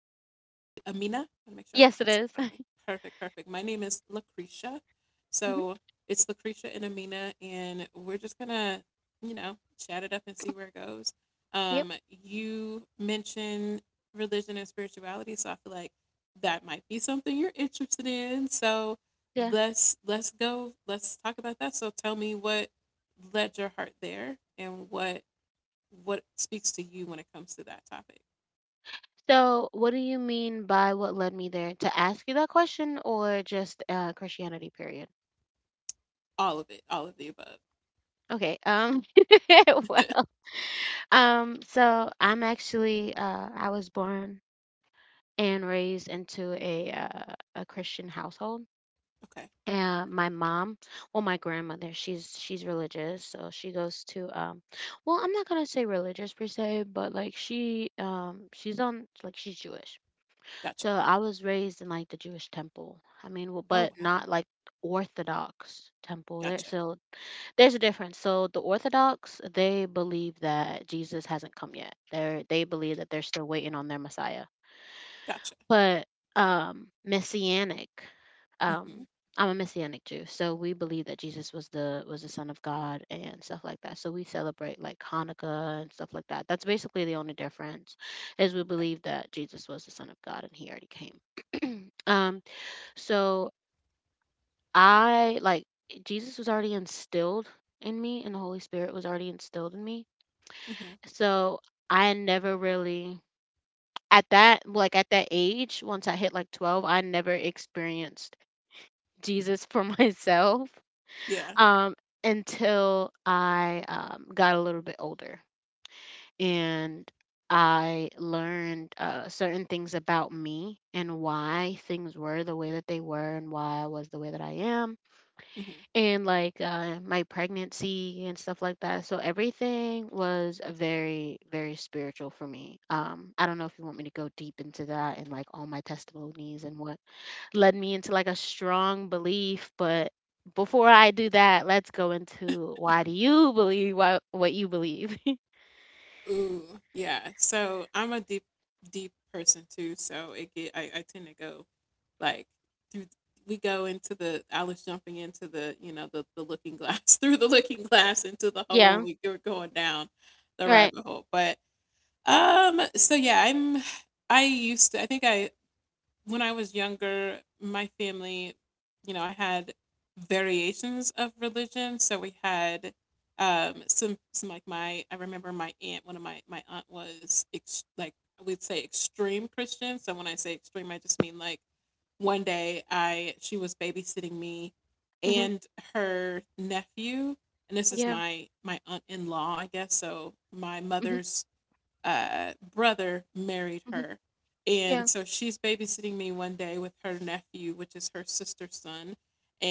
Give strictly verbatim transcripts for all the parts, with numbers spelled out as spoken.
Amina? I want to make sure I Yes, it pronounce that is. correctly. Perfect, perfect. My name is Lucretia. Mm-hmm. So it's Lucretia and Amina, and we're just gonna, you know, chat it up and see where it goes. Yep. Um, you mentioned religion and spirituality, so I feel like that might be something you're interested in. So Yeah. let's let's go. Let's talk about that. So tell me what led your heart there, and what what speaks to you when it comes to that topic? So, what do you mean by what led me there? To ask you that question, or just uh, Christianity? Period. All of it, all of the above. Okay. Um. well. Um. so I'm actually. Uh. I was born and raised into a uh, a Christian household. Okay, And my mom, well, my grandmother, she's she's religious, so she goes to um, well, I'm not gonna say religious per se, but like she um, she's on like she's Jewish. gotcha. So I was raised in like the Jewish temple. I mean, w- Oh but wow, not like Orthodox temple. There, gotcha, so there's a difference. So the Orthodox, they believe that Jesus hasn't come yet. They are they believe that they're still waiting on their Messiah. gotcha. But, um, messianic, Hmm. um, I'm a messianic Jew, so we believe that Jesus was the was the son of God and stuff like that. So we celebrate like Hanukkah and stuff like that. That's basically the only difference is we Okay. believe that Jesus was the son of God and he already came. um, so I like Jesus was already instilled in me and the Holy Spirit was already instilled in me. Hmm. So I never really at that like at that age, once I hit like twelve, I never experienced Jesus for myself, Yeah. um until I um, got a little bit older, and I learned uh, certain things about me and why things were the way that they were and why I was the way that I am, Hmm. and like uh, my pregnancy and stuff like that. So everything was very, very spiritual for me. Um, I don't know if you want me to go deep into that and like all my testimonies and what led me into like a strong belief, but before I do that, let's go into, why do you believe what what you believe? Ooh, yeah. So I'm a deep, deep person too. So it get I, I tend to go like through. We go into the. I was jumping into the you know the the looking glass through the looking glass into the hole. Yeah, We were going down the right. rabbit hole, but um. So yeah, I'm I used to, I think I when I was younger, my family, you know, I had variations of religion. So we had um, some, some like my, I remember my aunt, one of my, my aunt was ex- like, we'd say extreme Christian. So when I say extreme, I just mean like one day I, she was babysitting me Mhm. and her nephew. And this is Yeah. my, my aunt in law, I guess. So my Mhm. mother's uh, brother married Mhm. her. Yeah. And so she's babysitting me one day with her nephew, which is her sister's son.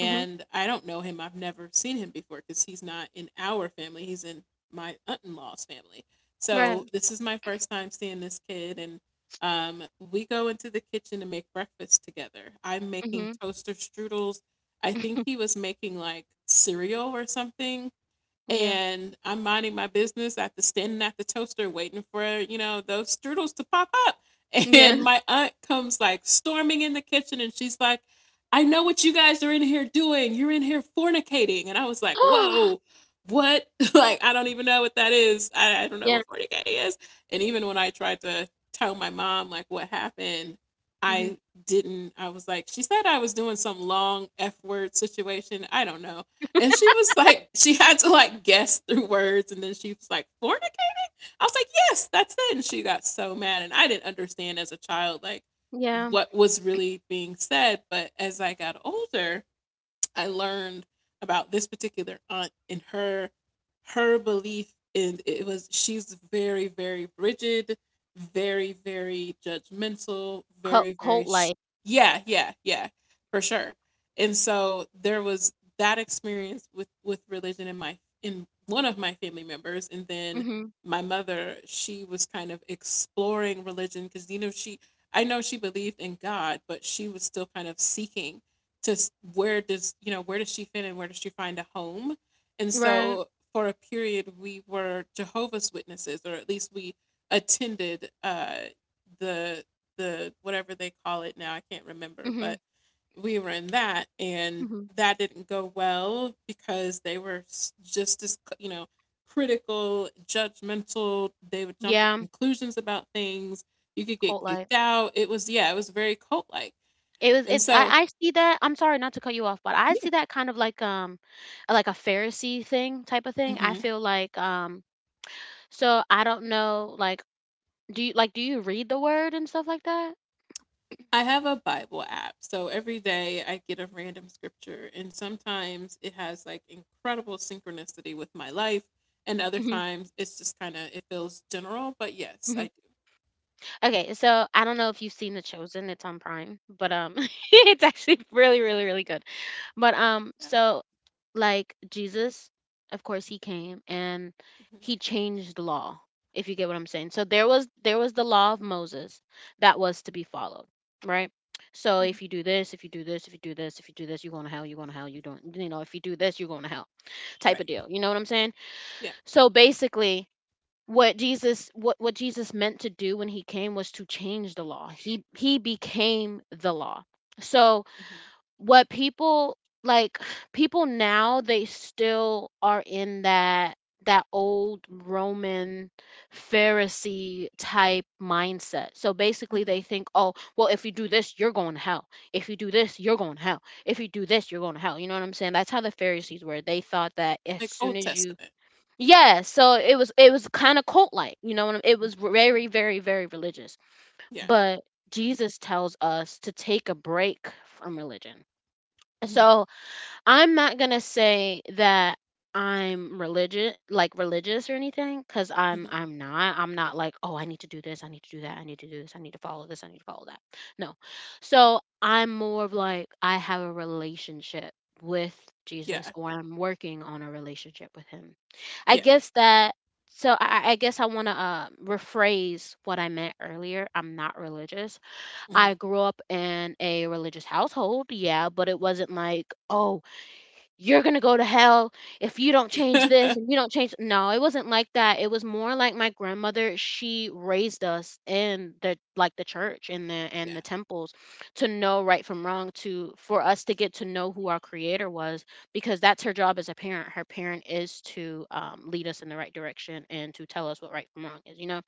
Mhm. I don't know him. I've never seen him before because he's not in our family. He's in my aunt in law's family. Right. So this is my first time seeing this kid. And um, we go into the kitchen to make breakfast together. I'm making Mhm. toaster strudels. I think he was making like cereal or something Yeah. and I'm minding my business at the standing at the toaster waiting for, you know, those strudels to pop up. Yeah. And my aunt comes like storming in the kitchen and she's like, I know what you guys are in here doing. You're in here fornicating. And I was like, whoa, what? like, I don't even know what that is. I, I don't know Yeah. what fornicating is. And even when I tried to tell my mom like what happened, Mhm. I didn't. I was like, she said I was doing some long F word situation. I don't know. And she was like, she had to like guess through words. And then she was like, fornicate? I was like, yes, that's it. And she got so mad. And I didn't understand as a child, like, Yeah. what was really being said. But as I got older, I learned about this particular aunt and her her belief, and it was she's very, very rigid, very, very judgmental, Cult very, very cult sh- like. yeah, yeah, yeah, for sure. And so there was that experience with with religion in my, in one of my family members. And then my mother, she was kind of exploring religion because, you know, she I know she believed in God, but she was still kind of seeking to s- where does, you know, where does she fit, and where does she find a home? And Right. so for a period we were Jehovah's Witnesses, or at least we attended uh the the whatever they call it now, I can't remember, but Mhm. we were in that. And Mhm. that didn't go well because they were s- just as, you know, critical, judgmental. They would jump to Yeah. conclusions about things, you could get Cult like kicked out. It was, yeah, it was very cult like. it was. And It's. so I. I see that. I'm sorry not to cut you off, but I yeah. see that kind of like um, like a Pharisee thing type of thing. I Mhm. feel like um. so I don't know. Like, do you like do you read the word and stuff like that? I have a Bible app. So every day I get a random scripture, and sometimes it has like incredible synchronicity with my life, and other Mhm. times it's just kind of it feels general, but yes, I Mhm. do. Okay, so I don't know if you've seen The Chosen, it's on Prime, but um it's actually really, really, really good. But um Yeah. so like Jesus, of course he came and he changed the law, if you get what I'm saying. So there was there was the law of Moses that was to be followed, right? So Hmm. if you Hmm. do this, if you do this, if you do this, if you do this, you're going to hell, you're going to hell, you don't, you know, if you do this, you're going to hell type Right. of deal. You know what I'm saying? Yeah. So basically what Jesus what what Jesus meant to do when he came was to change the law. He he became the law. So Hmm. what people like people now, they still are in that that old Roman Pharisee type mindset. So basically they Hmm. think, "Oh, well, if you do this, you're going to hell. If you do this, you're going to hell. If you do this, you're going to hell." You know what I'm saying? That's how the Pharisees were. They thought that as Like soon Old as you Testament. yeah, so it was it was kind of cult like, you know what I- mean? It was Hmm. very, very, very religious. Yeah. But Jesus tells us to take a break from religion. Hmm. So I'm not gonna say that I'm religious, like religious or anything, because I'm Hmm. I'm not. I'm not like, oh, I need to do this, I need to do that, I need to do this, I need to follow this, I need to follow that. No. So I'm more of like I have a relationship with Jesus, Yeah. or I'm working on a relationship with Him. I Yeah. guess that. So I, I guess I want to uh, rephrase what I meant earlier. I'm not religious. I Hmm. grew up in a religious household, yeah, but it wasn't like, oh, you're going to go to hell if you don't change this and you don't change. No, it wasn't like that. It was more like my grandmother, she raised us in the like the church and the and the yeah. temples, to know right from wrong, to for us to get to know who our creator was, because that's her job as a parent, her parent is to um, lead us in the right direction and to tell us what right from wrong is, you know.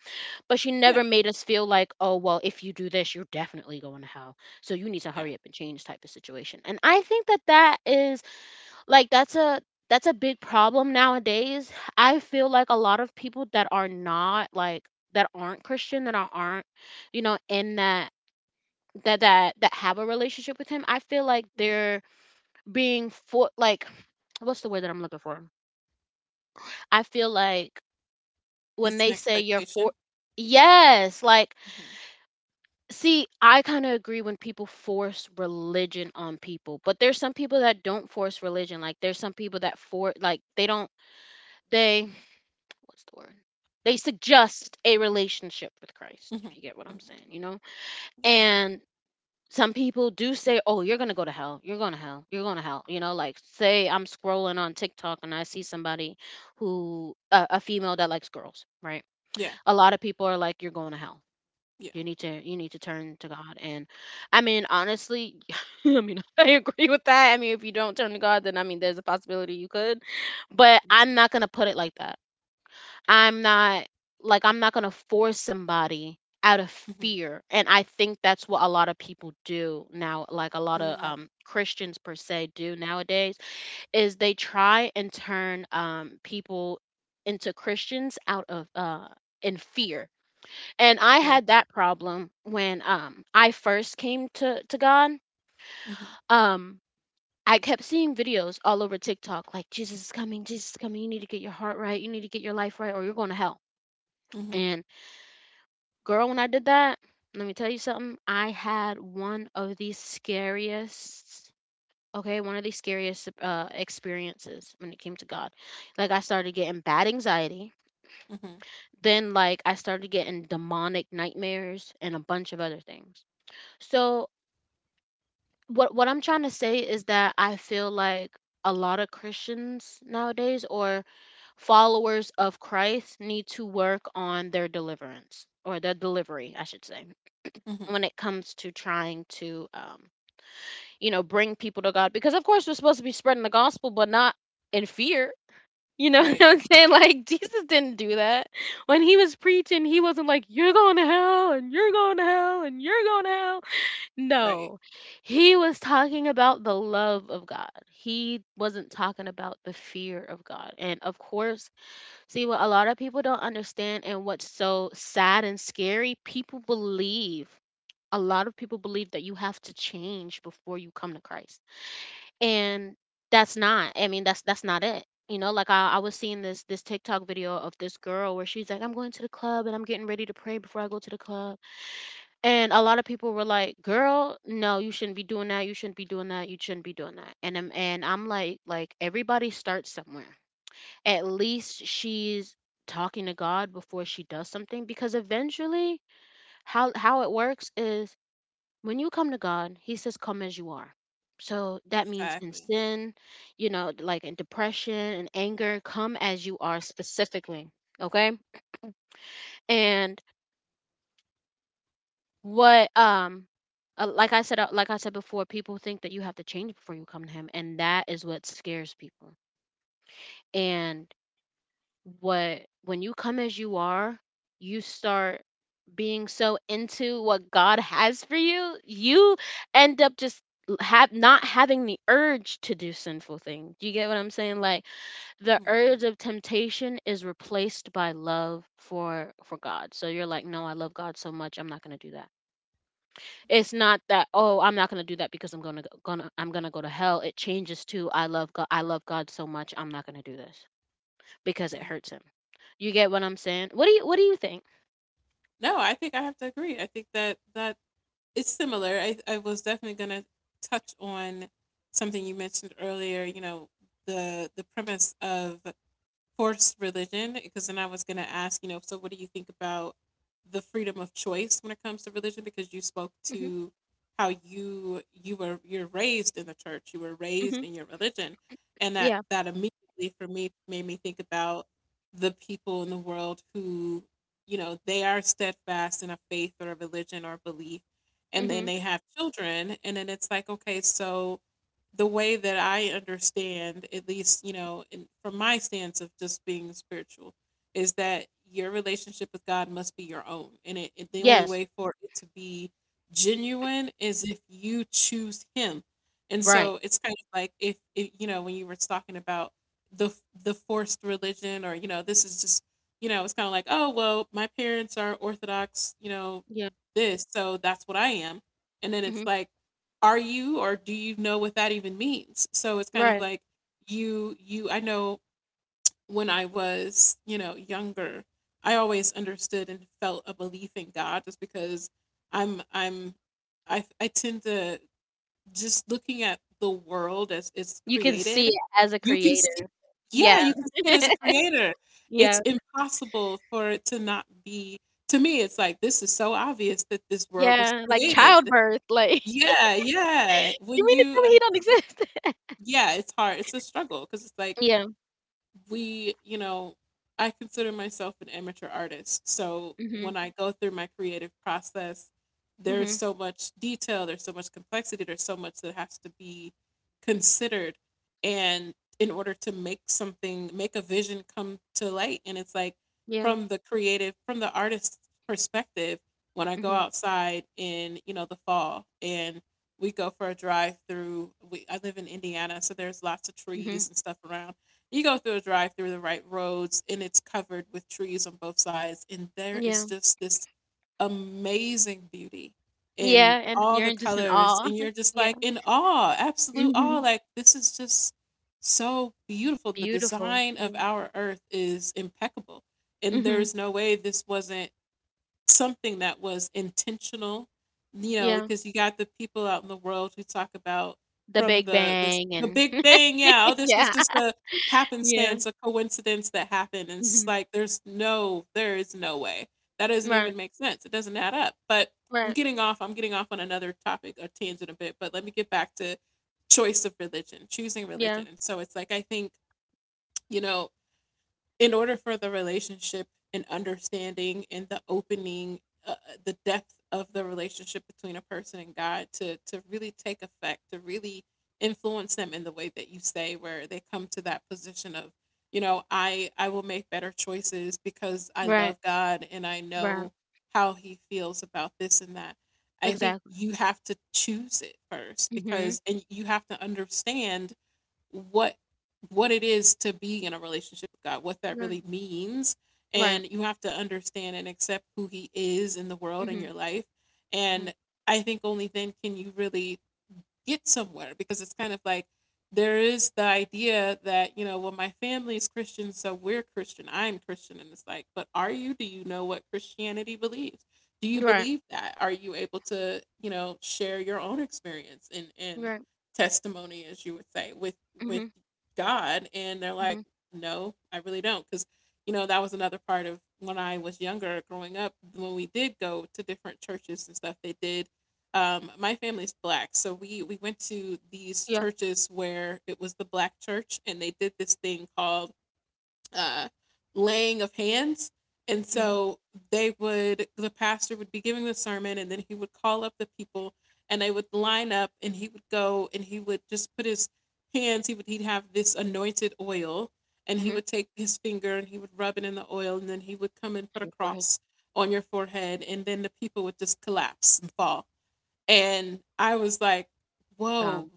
But she Yeah. never made us feel like, oh well, if you do this, you're definitely going to hell, so you need to Yeah. hurry up and change type of situation. And I think that that is like that's a that's a big problem nowadays. I feel like a lot of people that are not like that aren't Christian, that are- aren't, you know, in that that that that have a relationship with him. I feel like hmm they're being for like what's the word that I'm looking for? I feel like when It's an they say you're for expectation. yes, like Hmm see, I kind of agree when people force religion on people, but there's some people that don't force religion. Like there's some people that for like they don't they what's the word? They suggest a relationship with hmm Christ, hmm if you get what I'm saying, you know? Yeah. And some people do say, oh, you're going to go to hell. You're going to hell. You're going to hell. You know, like, say I'm scrolling on TikTok and I see somebody who, a a female that likes girls, right? Yeah. A Yeah. lot of people are like, you're going to hell. Yeah. You need to you need to turn to God. And I mean, honestly, I mean I agree with that. I mean, if you don't turn to God, then I mean, there's a possibility you could, but I'm Hmm. not going to put it like that. I'm not like I'm not going to force somebody out of Hmm. fear. And I think that's what a lot of people do now, like a lot of Mm. um Christians per se do nowadays is they try and turn um people into Christians out of uh in fear. And I Yeah. had that problem when um I first came to to God. Mm-hmm. Um I kept seeing videos all over TikTok like Jesus is coming, Jesus is coming, you need to get your heart right, you need to get your life right or you're going to hell. Mhm, And girl, when I did that, let me tell you something. I had one of the scariest, okay, one of the scariest uh, experiences when it came to God. Like, I started getting bad anxiety. mhm, Then, like, I started getting demonic nightmares and a bunch of other things. So, what, what I'm trying to say is that I feel like a lot of Christians nowadays or followers of Christ need to work on their deliverance or their delivery, I should say, mhm. when it comes to trying to um you know, bring people to God, because of course we're supposed to be spreading the gospel, but not in fear. You know what Right, I'm saying, like Jesus didn't do that. When he was preaching, he wasn't like you're going to hell and you're going to hell and you're going to hell. right. No, he was talking about the love of God. He wasn't talking about the fear of God. And of course, see, what a lot of people don't understand and what's so sad and scary, people believe, a lot of people believe that you have to change before you come to Christ. And that's not, I mean, that's that's not it. You know, like I, I was seeing this this TikTok video of this girl where she's like, I'm going to the club and I'm getting ready to pray before I go to the club. And a lot of people were like, girl, no, you shouldn't be doing that, you shouldn't be doing that, you shouldn't be doing that. And I'm and I'm like, like everybody starts somewhere. At least she's talking to God before she does something, because eventually, how how it works is when you come to God, He says, come as you are. So that means in Exactly. sin, you know, like in depression and anger, come as you are specifically. Okay. And what, um, uh, like I said, uh, like I said before, people think that you have to change before you come to Him. And that is what scares people. And what, when you come as you are, you start being so into what God has for you, you end up just l- have not having the urge to do sinful things. Do you get what I'm saying? Like the urge Mhm, of temptation is replaced by love for for God. So you're like, no, I love God so much, I'm not gonna do that. It's right. not that, oh, I'm not gonna do that because I'm gonna go- gonna I'm gonna go to hell. It changes to I love God. I love God so much, I'm not gonna do this because it Mhm. hurts Him. You get what I'm saying? What do you What do you think? No, I think I have to agree. I think that that it's similar. I I was definitely gonna touch on something you mentioned earlier. You know, the the premise of forced religion, because then I was going to ask, you know, so what do you think about the freedom of choice when it comes to religion? Because you spoke hmm to how you you were, you're raised in the church, you were raised hmm in your religion, and that Yeah. that immediately for me made me think about the people in the world who, you know, they are steadfast in a faith or a religion or a belief, and then Hmm. they have children, and then it's like, okay, so the way that I understand, at least, you know, in, from my stance of just being spiritual, is that your relationship with God must be your own. And it, it, the only Yes. way for it to be genuine is if you choose Him. And Right. so it's kind of like if, if you know, when you were talking about the the forced religion, or, you know, this is just, you know, it's kind of like, oh, well, my parents are Orthodox, you know, Yeah. this, so that's what I am. And then it's Mhm. like, are you, or do you know what that even means? So it's kind of Right. like you you I know when I was, you know, younger, I always understood and felt a belief in God, just because I'm I'm I I tend to just looking at the world as it's You can see created. it as a You can see, creator. yeah, Yeah. you can see it as a creator. It's Yeah. impossible for it to not be, to me it's like this is so obvious that this world was Yeah, like created. childbirth, like Yeah, yeah. you When mean to you tell me he don't exist? yeah, it's hard. It's a struggle because it's like, Yeah. we, you know, I consider myself an amateur artist. So Mhm. when I go through my creative process, there's Mhm. so much detail, there's so much complexity, there's so much that has to be considered. And in order to make something, make a vision come to light. And it's like Yeah. from the creative, from the artist's perspective, when I go Mhm. outside in, you know, the fall, and we go for a drive through, we, I live in Indiana, so there's lots of Mhm. trees and stuff around. You go through a drive through the right roads, and it's covered with trees on both sides, and there is Yeah. just this amazing beauty in Yeah, and all the you're just in colors, awe. and you're just Yeah. like in awe, absolute awe. Mhm. Like, this is just so beautiful. The Beautiful. design of Yeah. our earth is impeccable, and there Mhm. is no way this wasn't something that was intentional, you know, Yeah. because you got the people out in the world who talk about The from Big the the Bang the and big bang, yeah, "Oh, this was yeah. just a Yeah. happenstance, a coincidence that happened," and it's just Mhm. like, "There's no, there is no way. That doesn't Right. even make sense. It doesn't add up." But I'm Right. getting off I'm getting off on another topic or tangent a bit, but let me get back to choice of religion, choosing Yeah. religion, and so it's like, I think, you know, in order for the relationship and understanding and the opening uh, uh, the depth of the relationship between a person and God, to to really take effect, to really influence them in the way that you say, where they come to that position of, you know, i i will make better choices because I Right. love God, and I Right. know how he feels about this and that. I think Exactly. you have to choose it first, Mhm. because, and you have to understand what what it is to be in a relationship with God, what that Right. really means. Right. And you have to understand and accept who he is in the world and Mhm. your life. Mhm. And I think only then can you really get somewhere, because it's kind of like there is the idea that, you know, well, my family is Christian, so we're Christian, I'm Christian, and it's like, but are you? Do you know what Christianity believes? Do you Right. believe that? Are you able to, you know, share your own experience and and Right. testimony, as you would say, with with Mhm. God? And they're like, Mhm. no, I really don't, because you know, that was another part of when I was younger growing up when we did go to different churches and stuff. They did um, my family's black, so we we went to these Yeah. churches where it was the black church, and they did this thing called uh, laying of hands. And Mhm. so they would, the pastor would be giving the sermon, and then he would call up the people, and they would line up, and he would go, and he would just put his hands. He would he'd have this anointed oil, and he Mhm. would take his finger and he would rub it in the oil, and then he would come and put a Your forehead. cross on your forehead, and then the people would just collapse and fall and I was like, Um. "Whoa,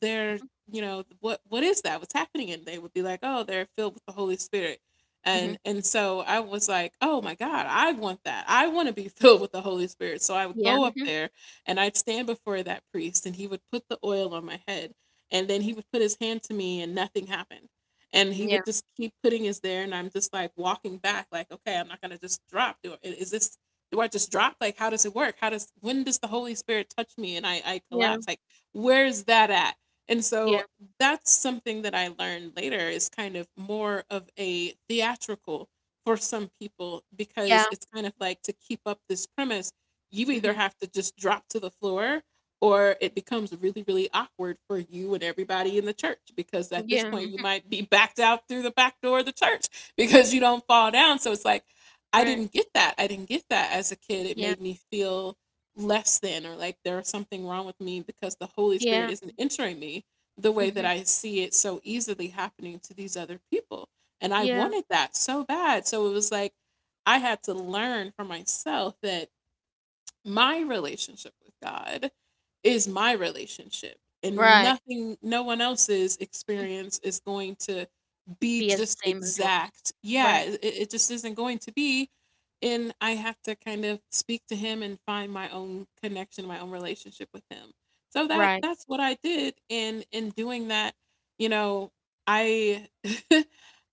they're Mhm. you know what what is that? What's happening?" And they would be like, "Oh, they're filled with the Holy Spirit," Mhm. and and so I was like, "Oh my God, I want that. I want to be filled with the Holy Spirit." So I would Yeah. go up Mhm. there and I'd stand before that priest, and he would put the oil on my head, and then he would put his hand to me, and nothing happened. And he Yeah. would just keep putting his there, and I'm just like walking back, like, okay, I'm not gonna just drop. Do it. Is this do I just drop? Like, how does it work? How does when does the Holy Spirit touch me and I, I Yeah. collapse? Like, where's that at? And Yeah. so that's something that I learned later is kind of more of a theatrical for some people Yeah. because it's kind of like to keep up this premise, you either Mhm. have to just drop to the floor or it becomes really, really awkward for you and everybody in the church because at this Yeah. point Mhm. you might be backed out through the back door of the church because you don't fall down. So it's like, I Right. didn't get that. I didn't get that as a kid. It Yeah. made me feel less than or like there was something wrong with me because the Holy Spirit Yeah. isn't entering me the way that Mhm. I see it so easily happening to these other people. And I Yeah. wanted that so bad. So it was like I had to learn for myself that my relationship with God is my relationship, and Right. nothing, no one else's Mhm. experience is going to be Be as the just same as yours. exact. Yeah, Right. it, it just isn't going to be. And I have to kind of speak to Him and find my own connection, my own relationship with Him. So that Right. that's what I did, and in Mhm. doing that, you know, I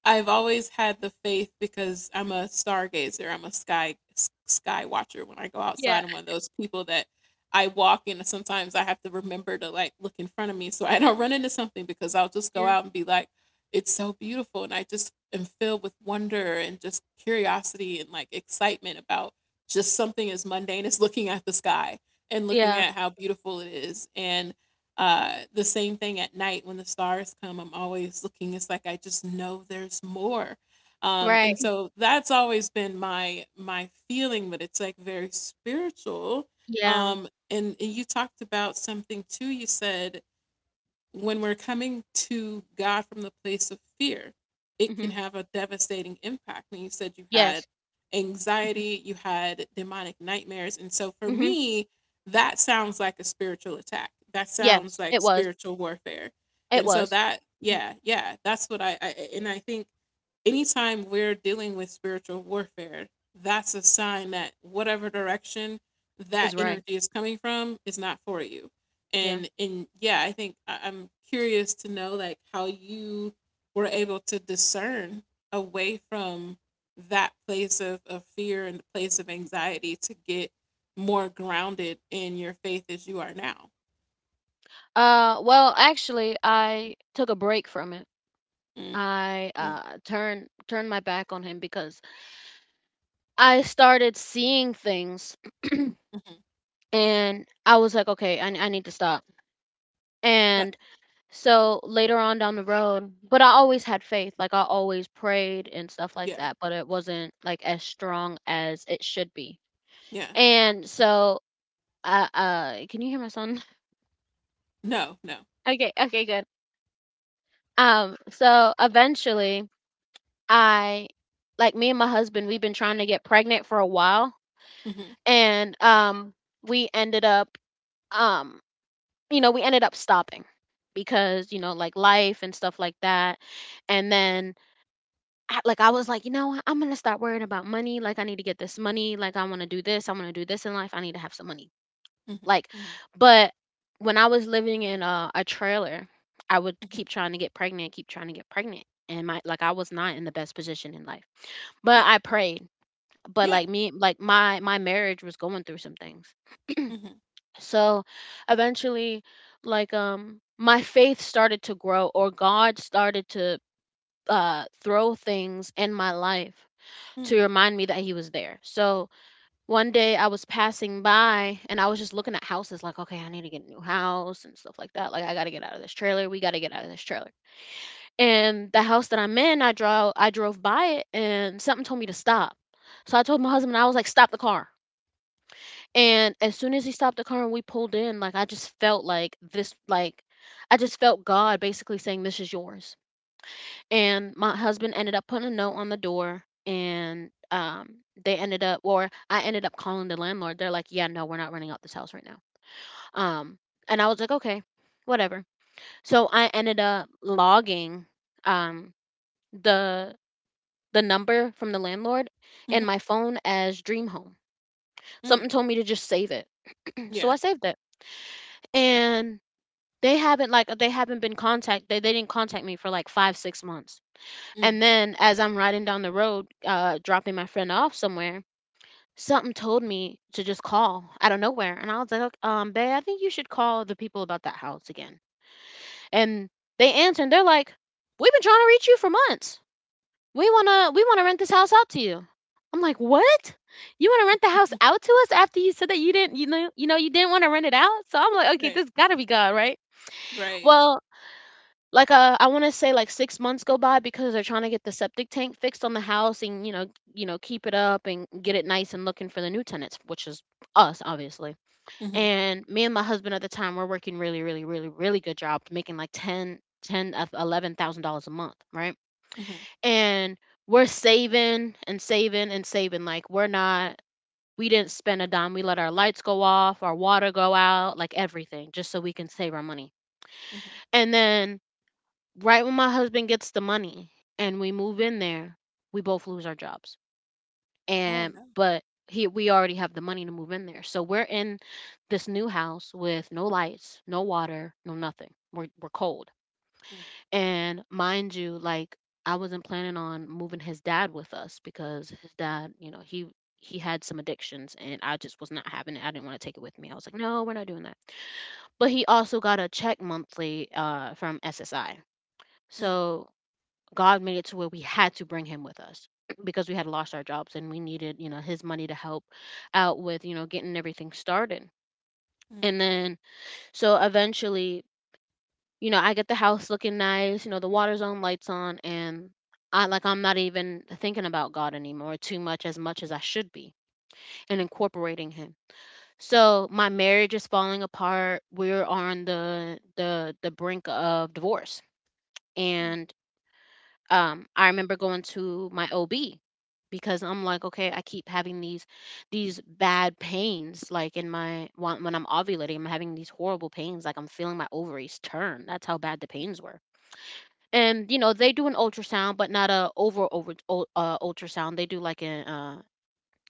I've always had the faith because I'm a stargazer. I'm a sky s- sky watcher when I go Yeah. outside. I'm one of those people that I walk in and sometimes I have to remember to like look in front of me so I don't run into something because I'll just go Yeah. out and be like, it's so beautiful. And I just am filled with wonder and just curiosity and like excitement about just something as mundane as looking at the sky and looking Yeah. at how beautiful it is. And uh, the same thing at night when the stars come, I'm always looking. It's like I just know there's more. Um, and Right. so that's always been my my feeling, but it's like very spiritual. Yeah. Um, and, and you talked about something too. You said when we're coming to God from the place of fear, it can Mhm. have a devastating impact. And you said you had Yes. Mhm. anxiety, you had demonic nightmares. And so for Mhm. me, that sounds like a spiritual attack. That sounds Yes. like It was. spiritual warfare. It And so was. that, yeah, yeah, that's what I, I and I think anytime we're dealing with spiritual warfare, that's a sign that whatever direction that Is right. energy is coming from is not for you. Yeah. And and yeah, I think I- I'm curious to know like how you were able to discern away from that place of, of fear and the place of anxiety to get more grounded in your faith as you are now. Uh. Well, actually, I took a break from it. Mm, I mm, uh turned turn my back on him because I started seeing things mhm. and I was like, okay, I, I need to stop. That- And so later on down the road, but I always had faith. Like I always prayed and stuff like Yeah, that, but it wasn't like as strong as it should be. yeah. And so uh, uh can you hear my son? No, no. Okay, okay, good. Um so eventually I, like me and my husband, we've been trying to get pregnant for a while hmm and um we ended up, um you know, we ended up stopping because, you know, like life and stuff like that. And then I, like I was like, you know what? I'm gonna stop worrying about money. Like I need to get this money. Like I want to do this, I want to do this in life. I need to have some money, hmm like. hmm But when I was living in a, a trailer, I would hmm keep trying to get pregnant, keep trying to get pregnant, and my, like I was not in the best position in life, but Yeah, I prayed. But yeah. like, me, like my my marriage was going through some things. Mhm, So eventually, like, um my faith started to grow, or God started to uh throw things in my life to mm, remind me that he was there. So one day I was passing by and I was just looking at houses, like, okay, I need to get a new house and stuff like that. Like, I got to get out of this trailer, we got to get out of this trailer. And the house that I'm in, i draw I drove by it and something told me to stop. So I told my husband, I was like, stop the car. And as soon as he stopped the car and we pulled in, like I just felt like this, like, I just felt God basically saying, this is yours. And my husband ended up putting a note on the door. And um they ended up, or I ended up calling the landlord. They're like, "Yeah, no, we're not renting out this house right now." Um and I was like, "Okay, whatever." So I ended up logging, um the the number from the landlord in mhm, my phone as Dream Home. mm. Something told me to just save it. So Yeah. I saved it. And they haven't, like they haven't been contact they, they didn't contact me for like five six months. Mm. And then as I'm riding down the road, uh dropping my friend off somewhere, something told me to just call out of nowhere. And I was like, "Look, "Um, babe, I think you should call the people about that house again." And they answer and they're like, "We've been trying to reach you for months. We want to we want to rent this house out to you." I'm like, "What? You want to rent the house Mhm. out to us after you said that you didn't, you know, you know, you didn't want to rent it out?" So I'm like, "Okay, Right, this got to be God, right?" right. Well, like, uh, I want to say like six months go by because they're trying to get the septic tank fixed on the house, and, you know, you know, keep it up and get it nice and looking for the new tenants, which is us, obviously. Mhm, And me and my husband at the time were working really, really, really, really good jobs, making like ten, ten, of eleven thousand dollars a month, right? mhm, And we're saving and saving and saving. Like we're not, we didn't spend a dime. We let our lights go off, our water go out, like everything, just so we can save our money. mhm. And then right when my husband gets the money and we move in there, we both lose our jobs. Oh, And no. but he, we already have the money to move in there. So we're in this new house with no lights, no water, no nothing. We're we're cold. Mm, And mind you, like, I wasn't planning on moving his dad with us because his dad, you know, he he had some addictions, and I just was not having it. I didn't want to take it with me. I was like, no, we're not doing that. But he also got a check monthly, uh, from S S I. mm, So God made it to where we had to bring him with us because we had lost our jobs and we needed, you know, his money to help out with, you know, getting everything started. mm, And then, so eventually, you know, I get the house looking nice, you know, the water's on, lights on, and I, like, I'm not even thinking about God anymore too much, as much as I should be, and incorporating him. So my marriage is falling apart. We're on the the the brink of divorce. mm. And Um, I remember going to my O B because I'm like, okay, I keep having these these bad pains, like in my, when when I'm ovulating, I'm having these horrible pains, like I'm feeling my ovaries turn. That's how bad the pains were. And you know, they do an ultrasound, but not a over over ul- uh, ultrasound. They do like an uh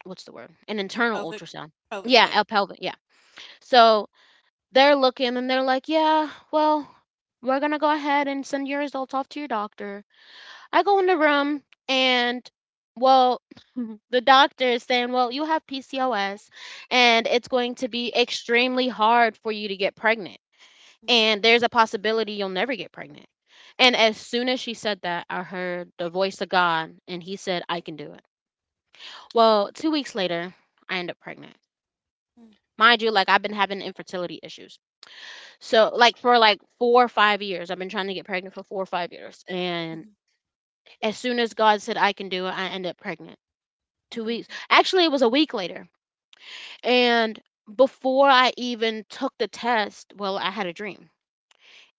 what's the word? An The internal pelvic ultrasound. pelvic, Yeah, yeah. a pelvic, yeah. So they're looking and they're like, yeah, well, we're gonna go ahead and send your results off to your doctor. I go in the room and, well, the doctor is saying, "Well, you have P C O S and it's going to be extremely hard for you to get pregnant, Yeah. and there's a possibility you'll never get pregnant." And as soon as she said that, I heard the voice of God, and he said, "I can do it." Well, two weeks later, I end up pregnant. Mm, Mind you, like I've been having infertility issues. So, like, for like four or five years, I've been trying to get pregnant for four or five years. And mhm, as soon as God said I can do it, I end up pregnant. two weeks. mm, Actually, it was a week later. And before I even took the test, well, I had a dream.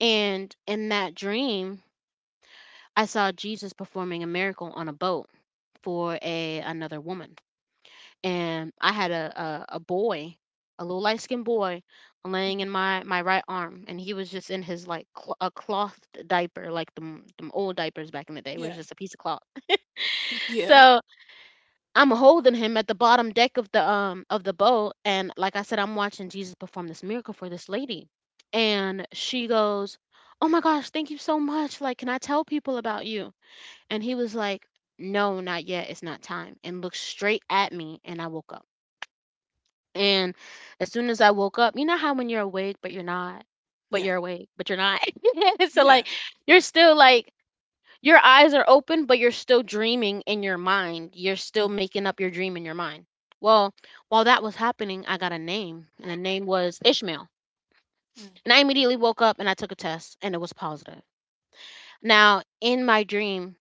And in that dream, I saw Jesus performing a miracle on a boat for a, another woman. And I had a, a, a boy, a little light skinned boy, laying mhm. in my, my right arm, and he was just in his, like, cl- a cloth diaper, like them them old diapers back in the day, where it's Yeah. just a piece of cloth. Yeah. So I'm holding him at the bottom deck of the, um of the boat, and like I said, I'm watching Jesus perform this miracle for this lady. And she goes, "Oh my gosh, thank you so much. Like, can I tell people about you?" And he was like, "No, not yet. It's not time." And looked straight at me, and I woke up. And as soon as I woke up, you know how when you're awake but you're not, but Yeah. you're awake, but you're not. So Yeah. like, you're still like, your eyes are open, but you're still dreaming in your mind. You're still Mhm, making up your dream in your mind. Well, while that was happening, I got a name, and the name was Ishmael. mm, And I immediately woke up and I took a test, and it was positive. Now, in my dream,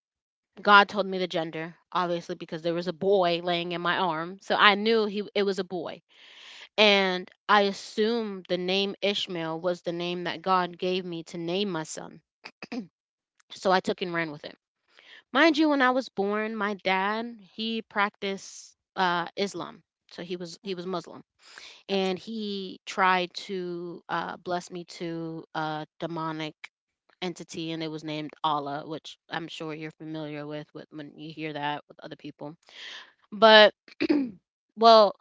God told me the gender, obviously, because there was a boy laying in my arm. So I knew he, it was a boy. And I assumed the name Ishmael was the name that God gave me to name my son. So I took and ran with it. Mind mm, you, when I was born, my dad, he practiced uh, Islam. So he was he mm. was Muslim, Gotcha. and he tried to uh, bless me to a demonic entity, and it was named Allah, which I'm sure you're familiar with, with when you hear that with other people. But well,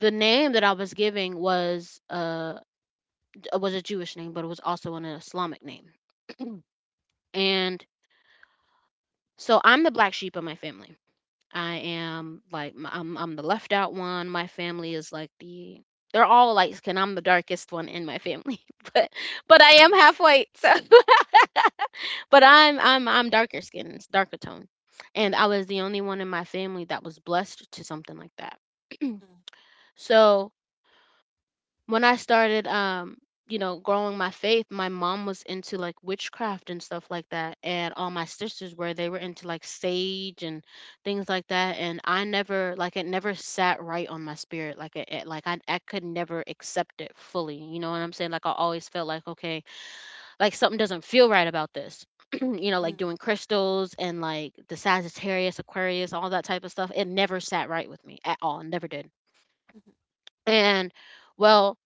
the name that I was giving was uh was a Jewish name, but it was also an Islamic name, and so I'm the black sheep of my family. I am like m- I'm I'm the left out one. My family is like the they're all light skin. I'm the darkest one in my family, but but I am Mhm, half white. So, but I'm I'm I'm darker skinned, darker tone, and mhm, I was the only one in my family that was blessed to something like that. mm, So when I started um you know growing my faith, my mom was into like witchcraft and stuff like that, and all my sisters were they were into like sage and things like that, and I never like it never sat right on my spirit like it, it like I I could never accept it fully, you know what I'm saying? Like I always felt like, okay, like something doesn't feel right about this. You know, like mm. doing crystals and like the Sagittarius, Aquarius, all that type of stuff. It never sat right with me at all. It never did. And well,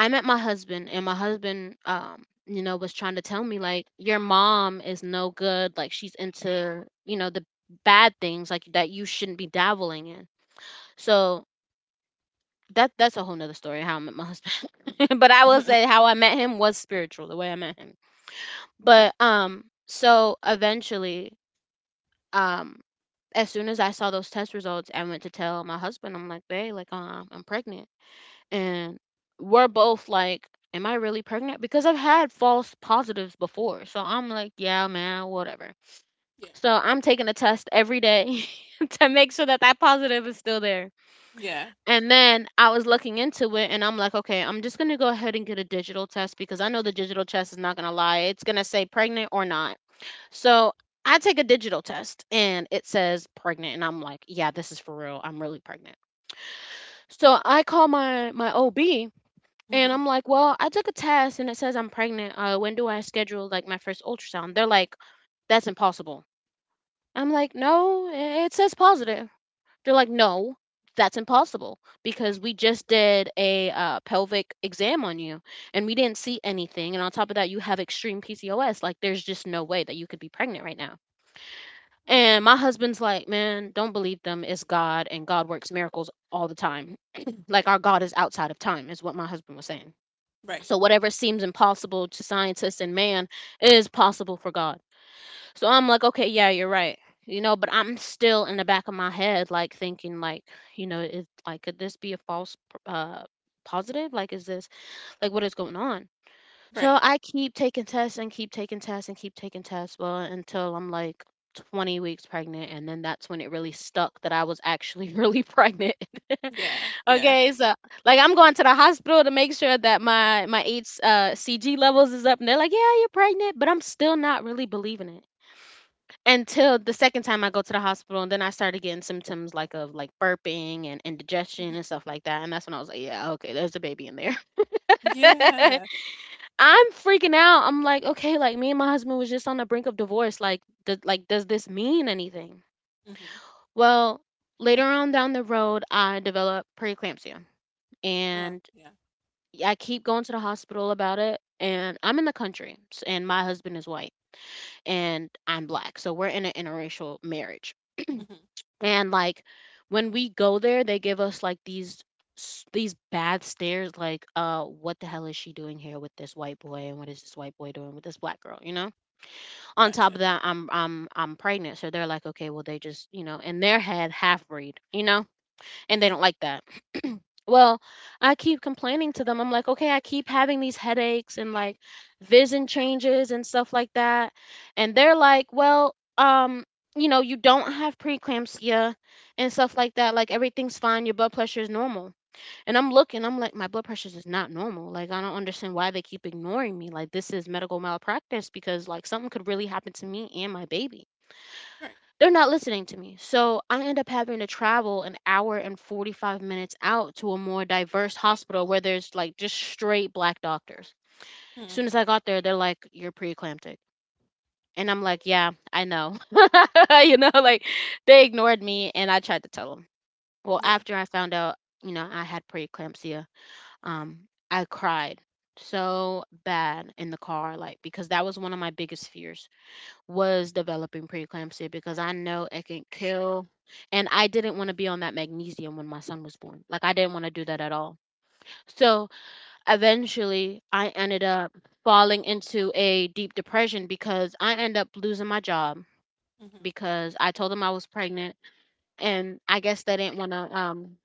I met my husband, and my husband, um, you know, was trying to tell me like, your mom is no good. Like she's into, you know, the bad things like that you shouldn't be dabbling in. So that that's a whole nother story how I met my husband. But I will say how I met him was spiritual, the way I met him. Okay. But um, so eventually, um, as soon as I saw those test results, I went to tell my husband. I'm like, babe, like, uh, I'm pregnant. And we're both like, "Am I really pregnant?" Because I've had false positives before, so I'm like, "Yeah, man, whatever." Yeah. So I'm taking a test every day to make sure that that positive is still there. Yeah. And then I was looking into it, and I'm like, "Okay, I'm just gonna go ahead and get a digital test because I know the digital test is not gonna lie; it's gonna say pregnant or not." So I take a digital test, and it says pregnant, and I'm like, "Yeah, this is for real. I'm really pregnant." So I call my my O B and Mhm, I'm like, well, I took a test and it says I'm pregnant. Uh, when do I schedule like my first ultrasound? They're like, that's impossible. I'm like, no, i- it says positive. They're like, no, that's impossible because we just did a uh, pelvic exam on you, and we didn't see anything. And on top of that, you have extreme P C O S. Like, there's just no way that you could be pregnant right now. mm. And my husband's like, man, don't believe them. It's God, and God works miracles all the time. Like, our God is outside of time, is what my husband was saying. Right, So whatever seems impossible to scientists and man is possible for God. So I'm like, okay, yeah, you're right. You know, but I'm still in the back of my head like thinking like, you know, is like could this be a false p- uh positive? Like is this like what is going on? So right. I keep taking tests and keep taking tests and keep taking tests well until I'm like twenty weeks pregnant, and then that's when it really stuck that I was actually really pregnant. Yeah, yeah. Okay, so like I'm going to the hospital to make sure that my my H uh C G levels is up, and they're like, "Yeah, you're pregnant," but I'm still not really believing it until the second time I go to the hospital, and then I started getting symptoms like of like burping and indigestion and Mhm. stuff like that, and that's when I was like, "Yeah, okay, there's a baby in there." Yeah. I'm freaking out. I'm like, okay, like me and my husband was just on the brink of divorce. Like, th- like does this mean anything? Mhm. Well, later on down the road, I developed preeclampsia, Oh, and yeah. I keep going to the hospital about it, and I'm in the country, s- and my husband is white, and I'm black, so we're in an interracial marriage. Mhm. And like when we go there, they give us like these s- these bad stares, like, uh, what the hell is she doing here with this white boy, and what is this white boy doing with this black girl, you know? On top Gotcha. of that, I'm I'm I'm pregnant, so they're like, okay, well they just, you know, in their head, half breed, you know, and they Mm. don't like that. Well, I keep complaining to them. I'm like, okay, I keep having these headaches and like vision changes and stuff like that. And they're like, well, um, you know, you don't have preeclampsia and stuff like that. Like everything's fine. Your blood pressure is normal. And I'm looking, I'm like, my blood pressure is not normal. Like I don't understand why they keep ignoring me. Like this is medical malpractice because like something could really happen to me and my baby. Right. They're not listening to me. So I end up having to travel an hour and forty-five minutes out to a more diverse hospital where there's like just straight black doctors. As Mhm. soon as I got there, they're like, you're preeclamptic. And I'm like, yeah, I know. You know, like they ignored me and I tried to tell them. Well, Yeah. after I found out, you know, I had preeclampsia, um, I cried so bad in the car, like, because that was one of my biggest fears was developing preeclampsia because I know it can kill. And I didn't want to be on that magnesium when my son was born. Like, I didn't want to do that at all. So eventually, I ended up falling into a deep depression because I ended up losing my job Mhm. because I told them I was pregnant. And I guess they didn't want to um,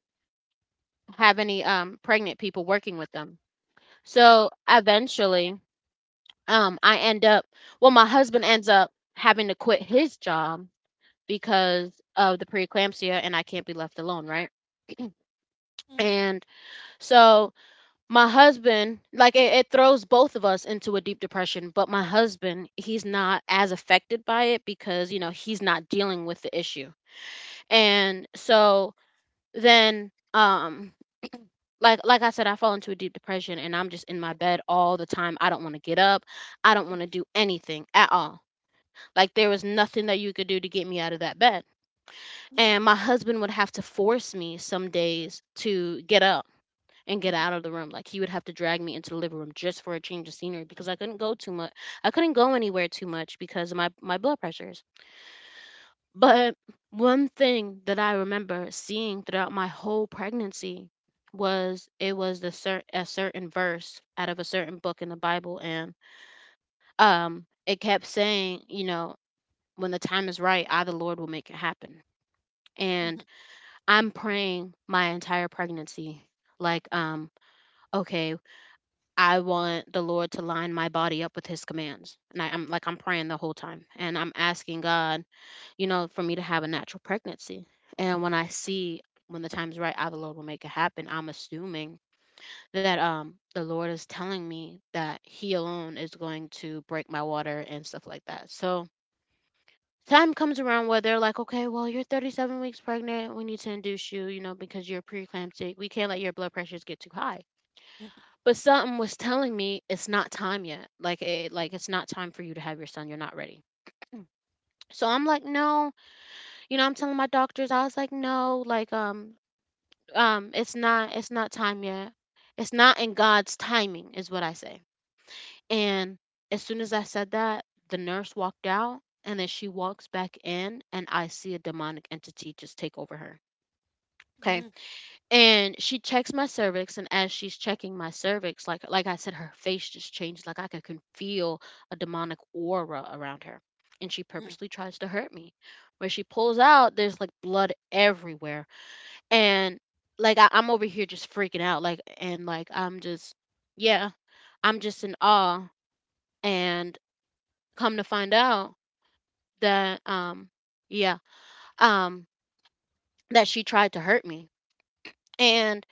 have any um, pregnant people working with them. So eventually, um, I end up, well, my husband ends up having to quit his job because of the preeclampsia, and I can't be left alone, right? Mm, And so my husband, like it, it throws both of us into a deep depression, but my husband, he's not as affected by it because, you know, he's not dealing with the issue. And so then um like like I said, I fall into a deep depression and I'm just in my bed all the time. I don't want to get up. I don't want to mhm. do anything at all. Like there was nothing that you could do to get me out of that bed. Yeah. And my husband would have to force me some days to get up and get Mhm, out of the room. Like he would have to drag me into the living room just for a change of scenery because I couldn't go too much. I couldn't go anywhere too much because of my my blood pressures. But one thing that I remember seeing throughout my whole pregnancy was it was the cer- a certain verse out of a certain book in the Bible, and um, it kept saying, you know, when the time is right, I, the Lord, will make it happen. And mhm, I'm praying my entire pregnancy. Like, um, okay, I want the Lord to line my body up with his commands. And I, I'm like I'm praying the whole time. And I'm asking God, you know, for me to have a natural pregnancy. And when I see, when the time's right, I the Lord will make it happen. I'm assuming that um the Lord is telling me that He alone is going to break my water and stuff like that. So time comes around where they're like, okay, well, you're thirty-seven weeks pregnant. We need to induce you, you know, because you're preeclamptic. We can't let your blood pressures get too high. mm, But something was telling me it's not time yet. Like, it, like it's not time for you to have your son. You're not ready. So I'm like, no, you know, I'm telling my doctors, I was like, no, like, um, um, it's not, it's not time yet. It's not in God's timing, is what I say. And as soon as I said that, the nurse walked out and then she walks back in and I see a demonic entity just take over her. Okay. mhm, And she checks my cervix, and as she's checking my cervix, like like I said, her face just changed. Like I could, can feel a demonic aura around her. And she mm. purposely tries to hurt me. Where she pulls out, there's like blood everywhere. And like I, I'm over here just freaking out. Like and like I'm just yeah, I'm just in awe. And come to find out that um yeah, um that she tried to hurt me. And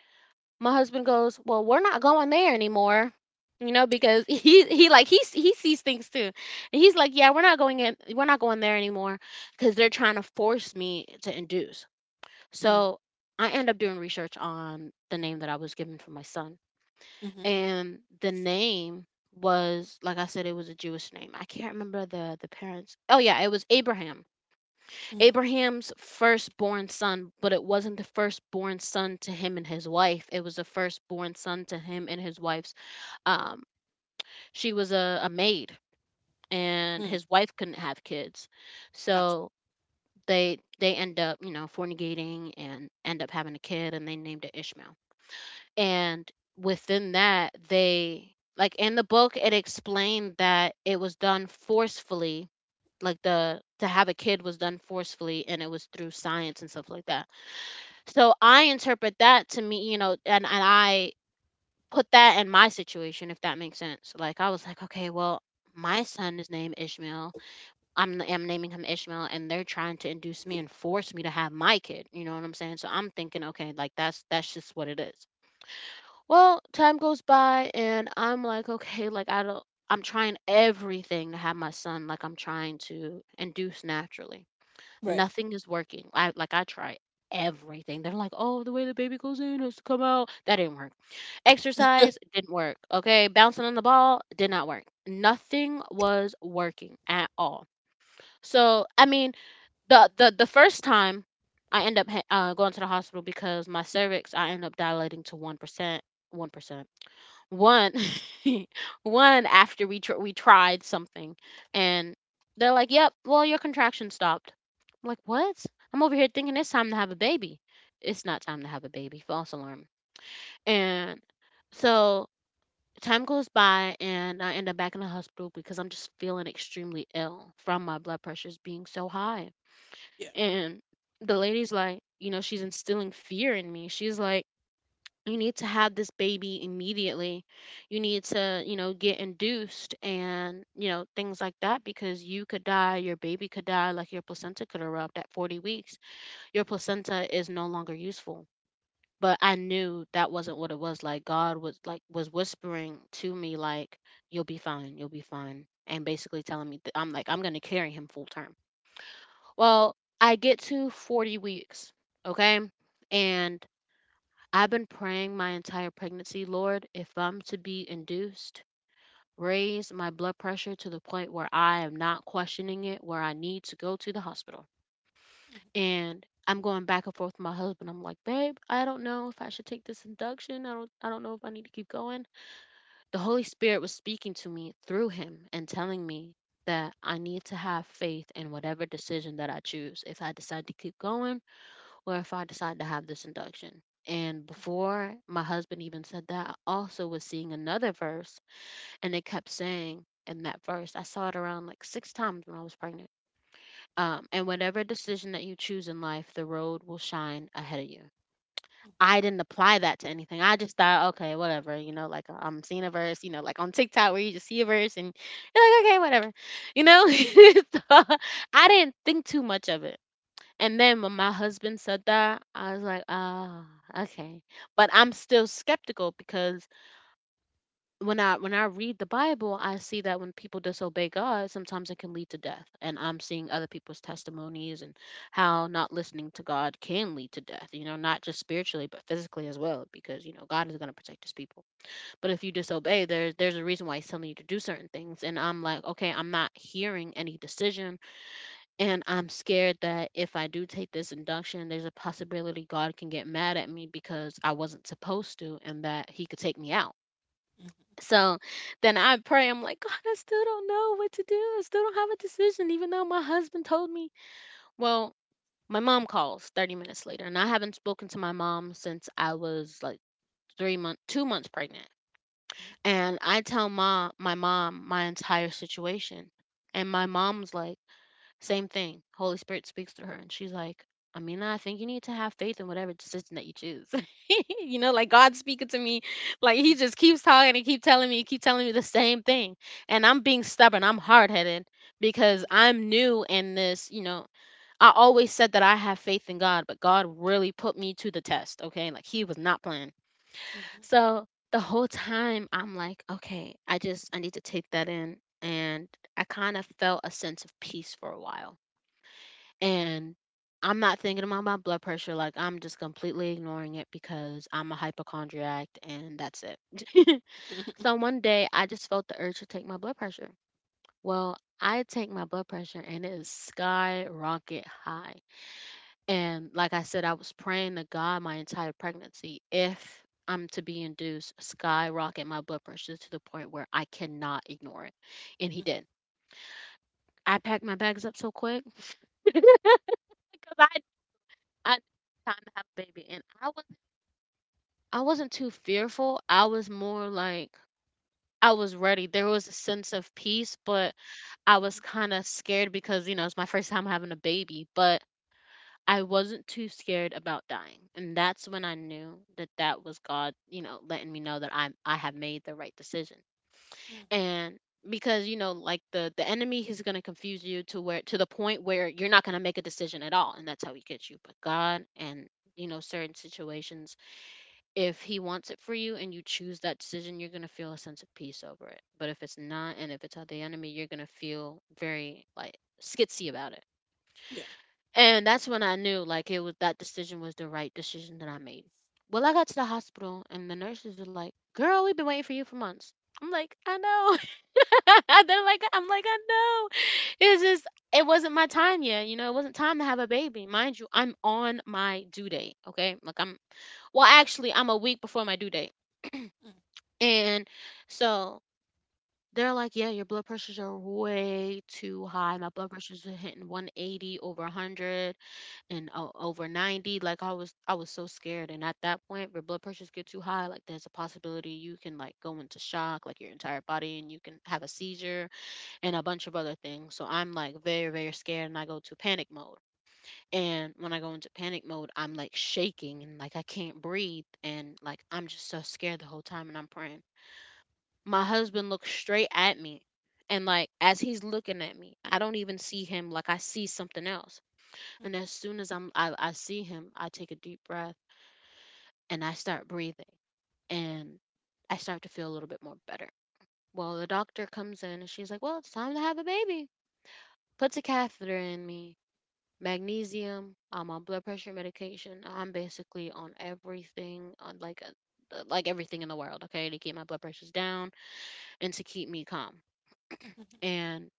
my husband goes, "Well, we're not going there anymore." You know, Yeah. because he he like he s- he sees things too. And he's like, "Yeah, we're not going in we're not going there anymore cuz they're trying to force me to induce." Mm, So, I end up doing research on the name that I was given for my son. mhm, And the name, was like I said, it was a Jewish name. I can't remember the the parents. Oh yeah, it was Abraham mhm, Abraham's firstborn son, but it wasn't the firstborn son to him and his wife. It was the firstborn son to him and his wife's. Um, she was a, a maid, and mm. his wife couldn't have kids, Gotcha. so they they end up, you know, fornicating and end up having a kid, and they named it Ishmael. And within that, they like in the book it explained that it was done forcefully, like the to have a kid was done forcefully, and it was through science and stuff like that. So I interpret that to me, you know, and, and I put that in my situation, if that makes sense. Like I was like, okay, well, my son is named Ishmael. I'm I'm naming him Ishmael, and they're trying to induce me and force me to have my kid. You know what I'm saying? So I'm thinking, okay, like that's that's just what it is. Well, time goes by, and I'm like, okay, like I don't. I'm trying everything to have my son, like I'm trying to induce naturally. Right. Nothing is working. I like I try everything. They're like, oh, the way the baby goes in has to come out. That didn't work. Exercise didn't work. Okay, bouncing on the ball did not work. Nothing was working at all. So I mean, the the the first time I end up ha- uh, going to the hospital because my cervix, I end up dilating to one percent. One one after we tr- we tried something, and they're like, yep, well, your contraction stopped. I'm like, what? I'm over here thinking it's time to have a baby. It's not time to have a baby. False alarm. And so time goes by, and I end up back in the hospital because I'm just feeling extremely ill from my blood pressures being so high. Yeah. And the lady's like, you know, she's instilling fear in me. She's like, you need to have this baby immediately. You need to, you know, get induced and, you know, things like that, because you could die, your baby could die, like your placenta could erupt at forty weeks. Your placenta is no longer useful. But I knew that wasn't what it was. Like, God was like was whispering to me like, "You'll be fine. You'll be fine." And basically telling me that, I'm like, "I'm going to carry him full term." Well, I get to forty weeks, okay? And I've been praying my entire pregnancy, Lord, if I'm to be induced, raise my blood pressure to the point where I am not questioning it, where I need to go to the hospital. And I'm going back and forth with my husband. I'm like, babe, I don't know if I should take this induction. I don't I don't know if I need to keep going. The Holy Spirit was speaking to me through him and telling me that I need to have faith in whatever decision that I choose. If I decide to keep going, or if I decide to have this induction. And before my husband even said that, I also was seeing another verse, and it kept saying in that verse, I saw it around like six times when I was pregnant. Um, and whatever decision that you choose in life, the road will shine ahead of you. I didn't apply that to anything. I just thought, okay, whatever, you know, like I'm seeing a verse, you know, like on TikTok where you just see a verse and you're like, okay, whatever, you know. So, I didn't think too much of it. And then when my husband said that, I was like, ah, okay." But I'm still skeptical because when I when I read the Bible, I see that when people disobey God, sometimes it can lead to death. And I'm seeing other people's testimonies and how not listening to God can lead to death, you know, not just spiritually, but physically as well, because, you know, God is going to protect his people. But if you disobey, there's there's a reason why he's telling you to do certain things. And I'm like, "Okay, I'm not hearing any decision, and I'm scared that if I do take this induction, there's a possibility God can get mad at me because I wasn't supposed to, and that He could take me out." Mhm, So then I pray, I'm like, God, I still don't know what to do. I still don't have a decision, even though my husband told me. Well, my mom calls thirty minutes later, and I haven't spoken to my mom since I was like three months, two months pregnant. And I tell my, my mom my entire situation. And my mom's like, same thing. Holy Spirit speaks to her, and she's like, Amina, I think you need to have faith in whatever decision that you choose. You know, like God's speaking to me. Like, he mhm, just keeps talking and keep telling me, keep telling me the same thing. And I'm being stubborn. I'm hard headed because mhm, I'm new in this, you know. I always said that I have faith in God, but God really put me to the test. Okay. Like, he was not playing. mhm, So the whole time I'm like, okay, I just I need to take that in. And I kind of felt a sense of peace for a while, and I'm not thinking about my blood pressure. Like, I'm just completely ignoring it because I'm a hypochondriac, and that's it. mhm, So one day I just felt the urge to take my blood pressure. Well, I take my blood pressure, and it is skyrocket high. And like I said, I was praying to God my entire pregnancy, if I'm to be induced, skyrocket my blood pressure to the point where I cannot ignore it. And he mhm, did. I packed my bags up so quick because I I time to have a baby, and I was, I wasn't too fearful. I was more like, I was ready. There was a sense of peace, but I mhm, was kind of scared because, you know, it's my first time having a baby, but I wasn't too scared about dying. And that's when I knew that that was God, you know, letting me know that I am I have made the right decision. mm. And because, you know, like the the enemy is going to confuse you to where, to the point where you're not going to make a decision at all, and that's how he gets you. But God, and you know, certain situations, if he wants it for you and you choose that decision, you're going to feel a sense of peace over it. But if it's not, and if it's of the enemy, you're going to feel very like skitsy about it. Yeah. And that's when I knew, like, it was, that decision was the right decision that I made. Well, I got to the hospital, and the nurses were like, "Girl, we've been waiting for you for months." I'm like, "I know." They're like, "I'm like, I know." It's just, it wasn't my time yet. You know, it wasn't time to have a baby. Mind you, I'm on my due date. Okay, like, I'm, well, actually, I'm a week before my due date. Mm, And so they're like, yeah, your blood pressures are way too high. My blood pressures are hitting one eighty over a hundred and o- over ninety. Like, I was, I was so scared. And at that point, where blood pressures get too high, like there's a possibility you can like go into shock, like your entire body, and you can have a seizure and a bunch of other things. So I'm like very, very scared, and I go to panic mode. And when I go into panic mode, I'm like shaking, and like I can't breathe, and like I'm just so scared the whole time, and I'm praying, my husband looks straight at me. And like as he's looking at me, I don't even see him, like I see something else. And as soon as I'm I, I see him, I take a deep breath and I start breathing and I start to feel a little bit more better. Well, the doctor comes in and she's like, "Well, it's time to have a baby." Puts a catheter in me, magnesium, I'm on blood pressure medication. I'm basically on everything, on like, uh, like everything in the world, okay, to keep my blood pressures down and to keep me calm. And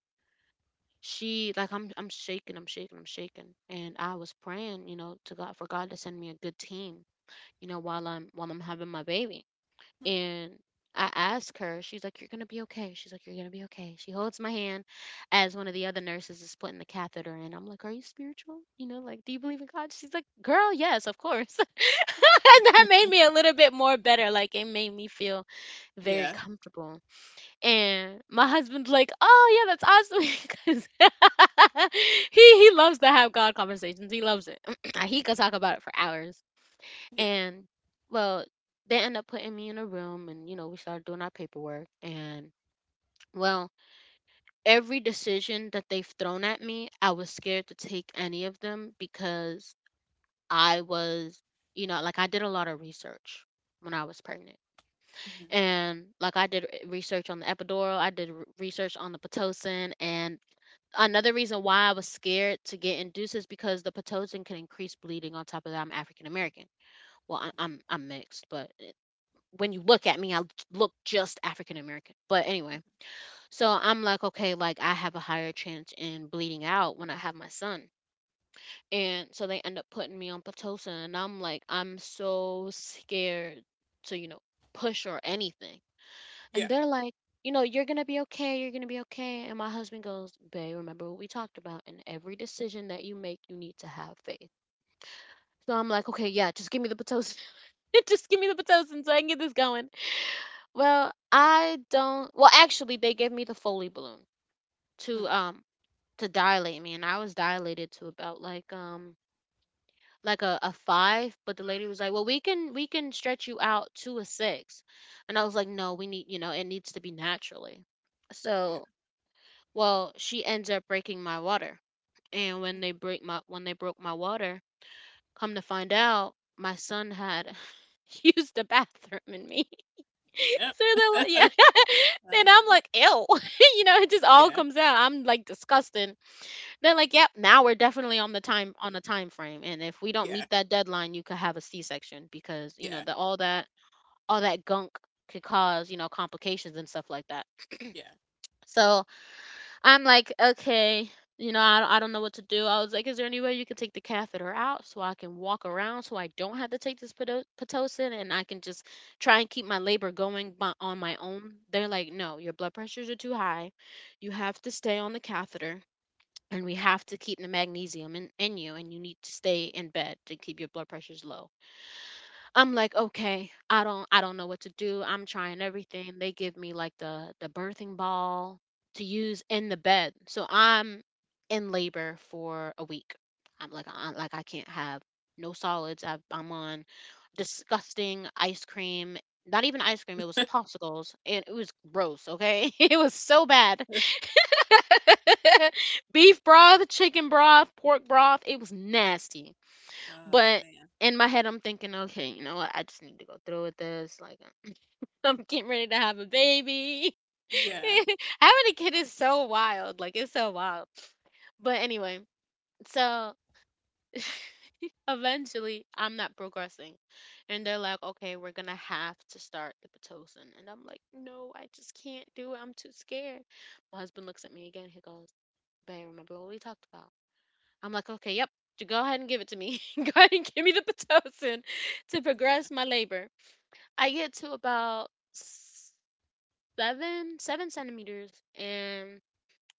she like I'm I'm shaking, I'm shaking, I'm shaking. And I was praying, you know, to God for God to send me a good team, you know, while I'm while I'm having my baby. right. And I asked her, she's like, "You're gonna be okay." She's like, "You're gonna be okay." She holds my hand as one of the other nurses is putting the catheter in. I'm like, "Are you spiritual? You know, like, do you believe in God?" She's like, "Girl, yes, of course." And that Mhm. made me a little bit more better. Like it made me feel very Yeah. comfortable. And my husband's like, "Oh yeah, that's awesome," because he he loves to have God conversations. He loves it. He could talk about it for hours. Yeah. And well, they end up putting me in a room, and you know we started doing our paperwork. And well, every decision that they've thrown at me, I was scared to take any of them because I was, you know, like I did a lot of research when I was pregnant. Mhm, And like I did r- research on the epidural, I did r- research on the pitocin, and another reason why I was scared to get induced is because the pitocin can increase bleeding. On top of that, I'm African American. Well, I, mhm. I'm I'm mixed, but it, when you look at me, I l- look just African American. But anyway, so I'm like, okay, like I have a higher chance in bleeding out when I have my son. And so they end up putting me on pitocin, and I'm like, I'm so scared to you know push or anything, and Yeah. they're like, you know, you're going to be okay. You're going to be okay. And my husband goes, "Babe, remember what we talked about. In every decision that you make, you need to have faith." So I'm like, okay, yeah, just give me the Pitocin. Just give me the Pitocin so I can get this going. Well, I don't. Well, actually, they gave me the Foley balloon to Mm, um to dilate me, and I was dilated to about like um like a, a five, but the lady was like, well, we can we can stretch you out to a six, and I was like, no, we need, you know, it needs to be naturally. yeah. So, well, she ends up breaking my water. And when they break my when they broke my water, come to find out, my son had used the bathroom in me. Yep. So they're like, yeah. and I'm Uh-huh. like, ew. you know, it just all Yeah. comes out. I'm like, disgusting. They're like, yep, now we're definitely on the time on a time frame. And if we don't Yeah. meet that deadline, you could have a C section because, you know, Yeah. the all that all that gunk could cause, you know, complications and stuff like that. Yeah. So I'm like, okay, you know, I, I don't know what to do. I was like, is there any way you could take the catheter out so I can walk around so I don't have to take this Pito- Pitocin and I can just try and keep my labor going by, on my own? They're like, no, your blood pressures are too high. You have to stay on the catheter and we have to keep the magnesium in, in you, and you need to stay in bed to keep your blood pressures low. I'm like, "Okay, I don't I don't know what to do, I'm trying everything." They give me, like, the the birthing ball to use in the bed, so I'm in labor for a week. I'm like, "I like, I can't have no solids, I've I'm on disgusting ice cream." Not even ice cream, it was popsicles, and it was gross, okay? It was so bad. Beef broth, chicken broth, pork broth, it was nasty. Uh, But man. in my head, I'm thinking, okay, you know what? I just need to go through with this. Like, I'm getting ready to have a baby. Yeah. Having a kid is so wild. Like, it's so wild. But anyway, so eventually, I'm not progressing. And they're like, okay, we're going to have to start the Pitocin. And I'm like, no, I just can't do it. I'm too scared. My husband looks at me again. He goes, "Babe, remember what we talked about?" I'm like, okay, yep. Go ahead and give it to me. Go ahead and give me the Pitocin to progress Yeah. my labor. I get to about seven, seven centimeters, and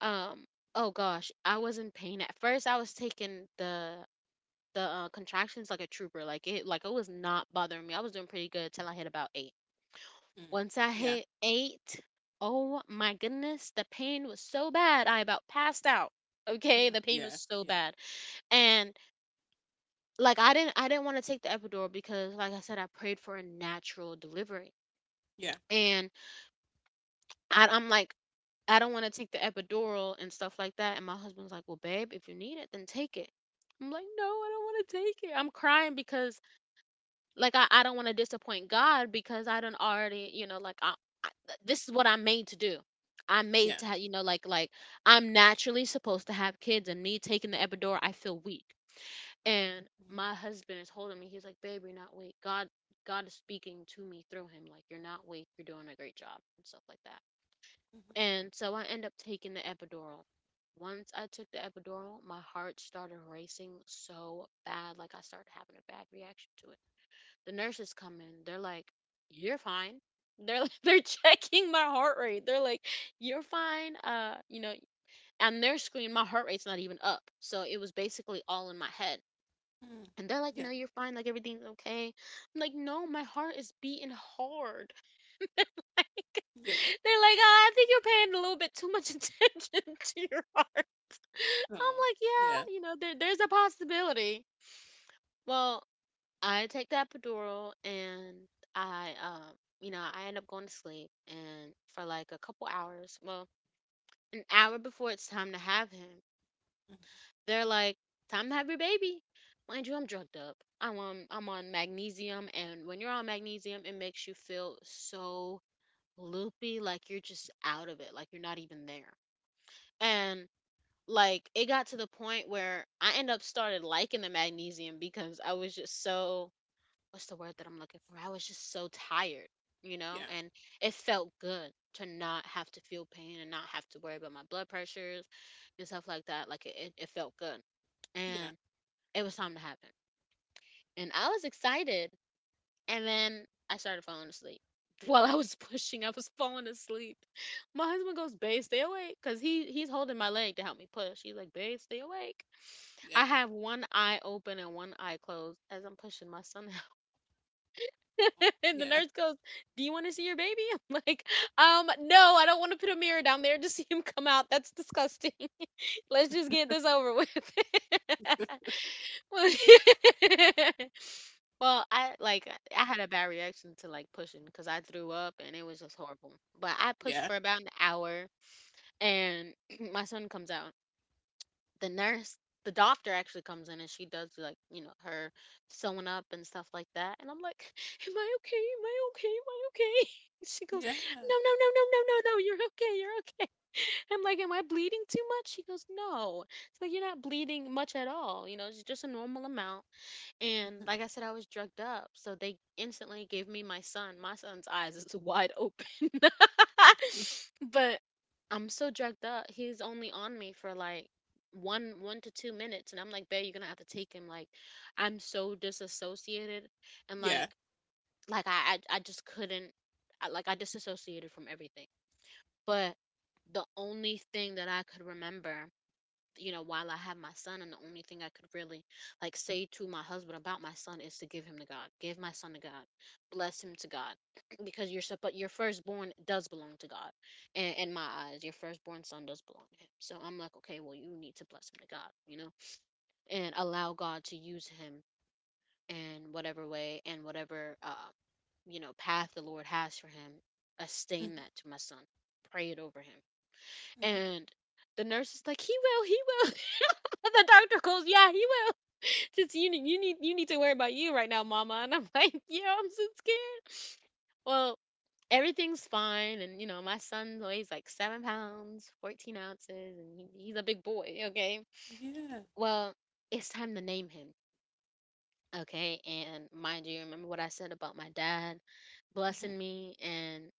um, oh gosh, I was in pain at first. I was taking the the uh, contractions like a trooper, like it, like it was not bothering me. I was doing pretty good till I hit about eight. Mm. Once I Yeah. hit eight, oh my goodness, the pain was so bad, I about passed out. Okay, Oh, the pain was yeah. so Yeah. bad, and like I didn't, I didn't want to take the epidural because, like I said, I prayed for a natural delivery, Yeah. and I, I'm like, I don't want to take the epidural and stuff like that. And my husband's like, "Well, babe, if you need it, then take it." I'm like, "No, I don't want to take it." I'm crying because, like, I, I don't want to disappoint God because I don't already, you know, like, I, I, this is what I'm made to do. I'm made Yeah. to have, you know, like, like, I'm naturally supposed to have kids, and me taking the epidural, I feel weak. And Mhm, my husband is holding me. He's like, "Babe, you're not weak." God, God is speaking to me through him. Like, you're not weak. You're doing a great job and stuff like that. mhm, And so I end up taking the epidural. Once I took the epidural, my heart started racing so bad, like I started having a bad reaction to it. The nurses come in, they're like, "You're fine." They're like, they're checking my heart rate. They're like, "You're fine." Uh, you know, on their screen, my heart rate's not even up, so it was basically all in my head. mm. And they're like, "You know, Yeah. you're fine. Like everything's okay." I'm like, "No, my heart is beating hard, like," Yeah. they're like, "Uh, I think you're paying a little bit too much attention to your heart. I'm Oh, like, yeah, yeah. you know, there, there's a possibility. Well, I take that epidural and I, um, you know, I end up going to sleep. And for like a couple hours, well, an hour before it's time to have him, they're like, time to have your baby. Mind you, I'm drugged up. I'm on, I'm on magnesium. And when you're on magnesium, it makes you feel so loopy, like you're just out of it, like you're not even there. Mm. And like it got to the point where I end up started liking the magnesium because I was just so, what's the word that I'm looking for? I was just so tired, you know, Yeah. and it felt good to not have to feel pain and not have to worry about my blood pressures and stuff like that. Like it, it, it felt good. Yeah. And it was time to happen. And I was excited, and then I started falling asleep. While I was pushing, I was falling asleep. My husband goes, "Babe, stay awake," because he he's holding my leg to help me push. He's like, "Babe, stay awake." Yeah. I have one eye open and one eye closed as I'm pushing my son out. And the Yeah. nurse goes, "Do you want to see your baby?" I'm like, "Um, no, I don't want to put a mirror down there to see him come out. That's disgusting. Let's just get this over with." Well, I like I had a bad reaction to like pushing because I threw up and it was just horrible. But I pushed Yeah. for about an hour, and my son comes out. The nurse, the doctor actually comes in and she does, like, you know, her sewing up and stuff like that. And I'm like, am I okay? Am I okay? Am I okay? She goes, Yeah. "No, no, no, no, no, no, no, you're okay, you're okay." I'm like, am I bleeding too much? She goes, no. So you're not bleeding much at all, you know, it's just a normal amount. And Mhm. like I said, I was drugged up. So they instantly gave me my son. My son's eyes is wide open. Mm, But I'm so drugged up. He's only on me for like one one to two minutes. And I'm like, babe, you're gonna have to take him. Like I'm so disassociated, and like yeah. like I I, I just couldn't. I, like, I disassociated from everything. But the only thing that I could remember, you know, while I have my son, and the only thing I could really like say to my husband about my son is to give him to God, give my son to God, bless him to God, because your sup- but your firstborn does belong to God, and in my eyes, your firstborn son does belong to Him. So I'm like, okay, well, you need to bless him to God, you know, and allow God to use him in whatever way and whatever uh, you know path the Lord has for him. Sustain that Mhm. to my son, pray it over him, Mhm. and the nurse is like, he will, he will. And the doctor goes, "Yeah, he will." Since you need, you need you need to worry about you right now, mama. And I'm like, "Yeah, I'm so scared." Well, everything's fine, and you know my son weighs like seven pounds, fourteen ounces, and he, he's a big boy. Okay. Yeah. Well, it's time to name him. Okay, and mind you, remember what I said about my dad Mhm. blessing me, and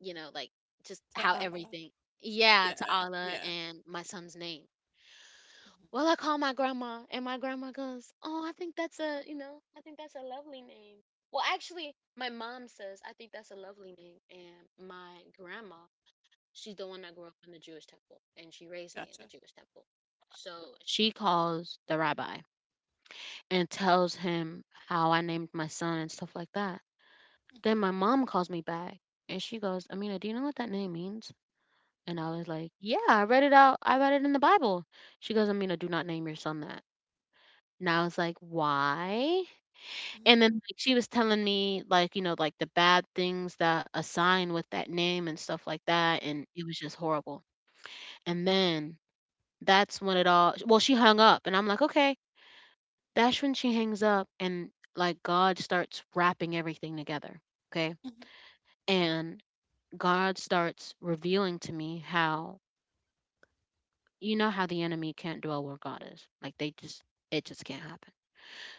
you know, like, just To how Allah. everything. Yeah, to Yeah. Allah Yeah. and my son's name. Mhm. Well, I call my grandma, and my grandma goes, "Oh, I think that's a, you know, I think that's a lovely name." Well, actually, my mom says I think that's a lovely name, and my grandma, she's the one that grew up in the Jewish temple, and she raised me in the Gotcha. Jewish temple. So she calls the rabbi and tells him how I named my son and stuff like that. Mhm. Then my mom calls me back, and she goes, "Amina, do you know what that name means?" And I was like, "Yeah, I read it out. I read it in the Bible." She goes, "Amina, do not name your son that." And I was like, "Why?" Mhm. And then, like, she was telling me, like, you know, like, the bad things that assign with that name and stuff like that, and it was just horrible. And then that's when it all, well, she hung up, and I'm like, "Okay." That's when she hangs up, and like, God starts wrapping everything together, okay? Mhm. And God starts revealing to me how, you know, how the enemy can't dwell where God is? Like, they just, it just can't happen.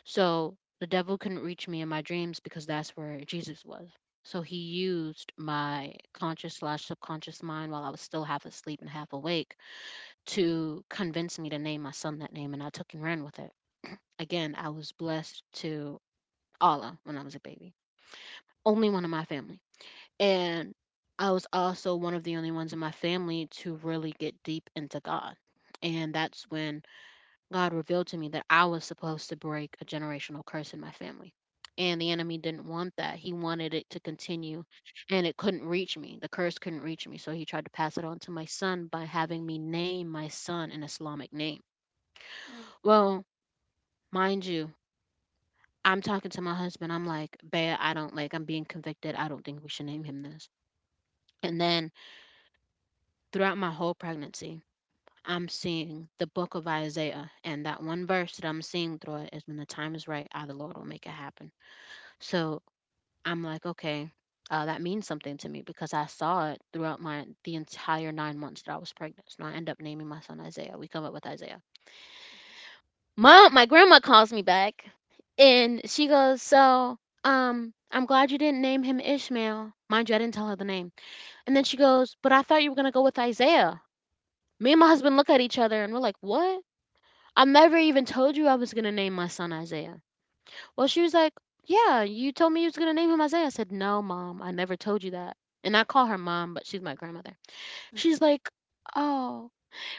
So the devil couldn't reach me in my dreams because that's where Jesus was. So he used my conscious slash subconscious mind while I was still half asleep and half awake to convince me to name my son that name, and I took and ran with it. Again, I was blessed to Allah when I was a baby, only one in my family. And I was also one of the only ones in my family to really get deep into God. And that's when God revealed to me that I was supposed to break a generational curse in my family. And the enemy didn't want that. He wanted it to continue, and it couldn't reach me. The curse couldn't reach me. So he tried to pass it on to my son by having me name my son an Islamic name. Mm, Well, mind you, I'm talking to my husband. I'm like, babe, I don't, like, I'm being convicted. I don't think we should name him this. And then throughout my whole pregnancy, I'm seeing the book of Isaiah. And that one verse that I'm seeing through it is, when the time is right, I, the Lord, will make it happen. So I'm like, okay, uh, that means something to me because I saw it throughout my the entire nine months that I was pregnant. So I end up naming my son Isaiah. We come up with Isaiah. Mom, my grandma calls me back, and she goes, so um, I'm glad you didn't name him Ishmael. Mind you, I didn't tell her the name. And then she goes, but I thought you were gonna go with Isaiah. Me and my husband look at each other and we're like, what? I never even told you I was gonna name my son Isaiah. Well, she was like, "Yeah, you told me you was gonna name him Isaiah." I said, "No, mom, I never told you that." And I call her mom, but she's my grandmother. She's mm. like, "Oh,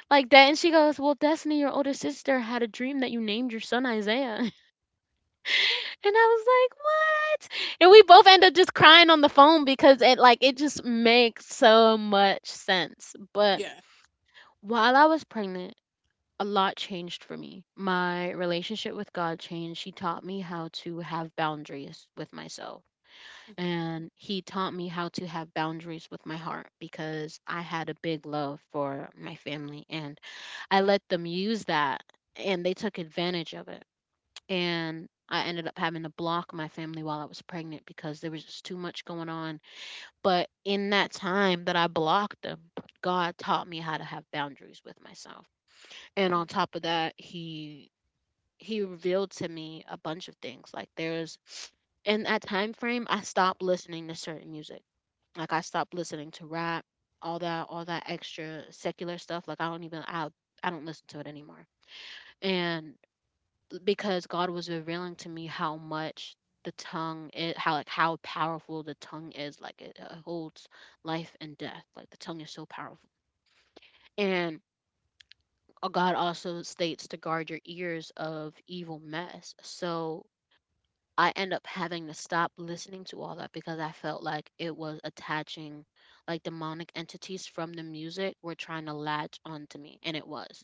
like that," and she goes, "Well, Destiny, your older sister, had a dream that you named your son Isaiah," and I was like, "What?" And we both end up just crying on the phone because it, like, it just makes so much sense. But Yeah. while I was pregnant, a lot changed for me. My relationship with God changed. She taught me how to have boundaries with myself, Mhm. and he taught me how to have boundaries with my heart because I had a big love for my family, and I let them use that, and they took advantage of it. And I ended up having to block my family while I was pregnant because there was just too much going on. But in that time that I blocked them, God taught me how to have boundaries with myself. And on Mm, top of that, he he revealed to me a bunch of things. Like, there's, in that time frame, I stopped listening to certain music. Like, I stopped listening to rap, all that all that extra secular stuff. Like, I don't even, I I don't listen to it anymore. And because God was revealing to me how much the tongue is, how, like, how powerful the tongue is, like, it, uh holds life and death, like, the tongue is so powerful. And uh, God also states to guard your ears of evil mess, so I end up having to stop listening to all that because I felt like it was attaching, like, demonic entities from the music were trying to latch onto me, and it was.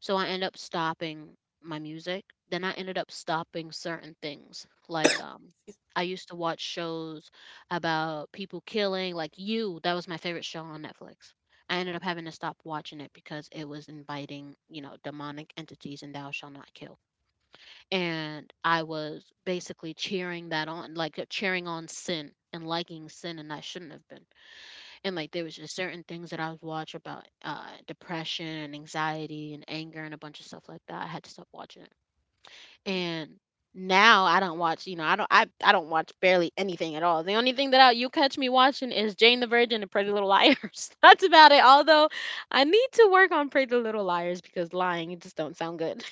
So I end up stopping my music. Then I ended up stopping certain things. Like, um excuse I used to watch shows about people killing, like, you, that was my favorite show on Netflix. I ended up having to stop watching it because it was inviting, you know, demonic entities, and thou shall not kill, and I was basically cheering that on, like, uh, cheering on sin and liking sin, and I shouldn't have been. And, like, there was just certain things that I was watching about, uh, depression and anxiety and anger and a bunch of stuff like that. I had to stop watching it. And now I don't watch, you know, I don't, I I don't watch barely anything at all. The only thing that I, you catch me watching is Jane the Virgin and Pretty Little Liars. That's about it. Although I need to work on Pretty Little Liars because lying, it just don't sound good.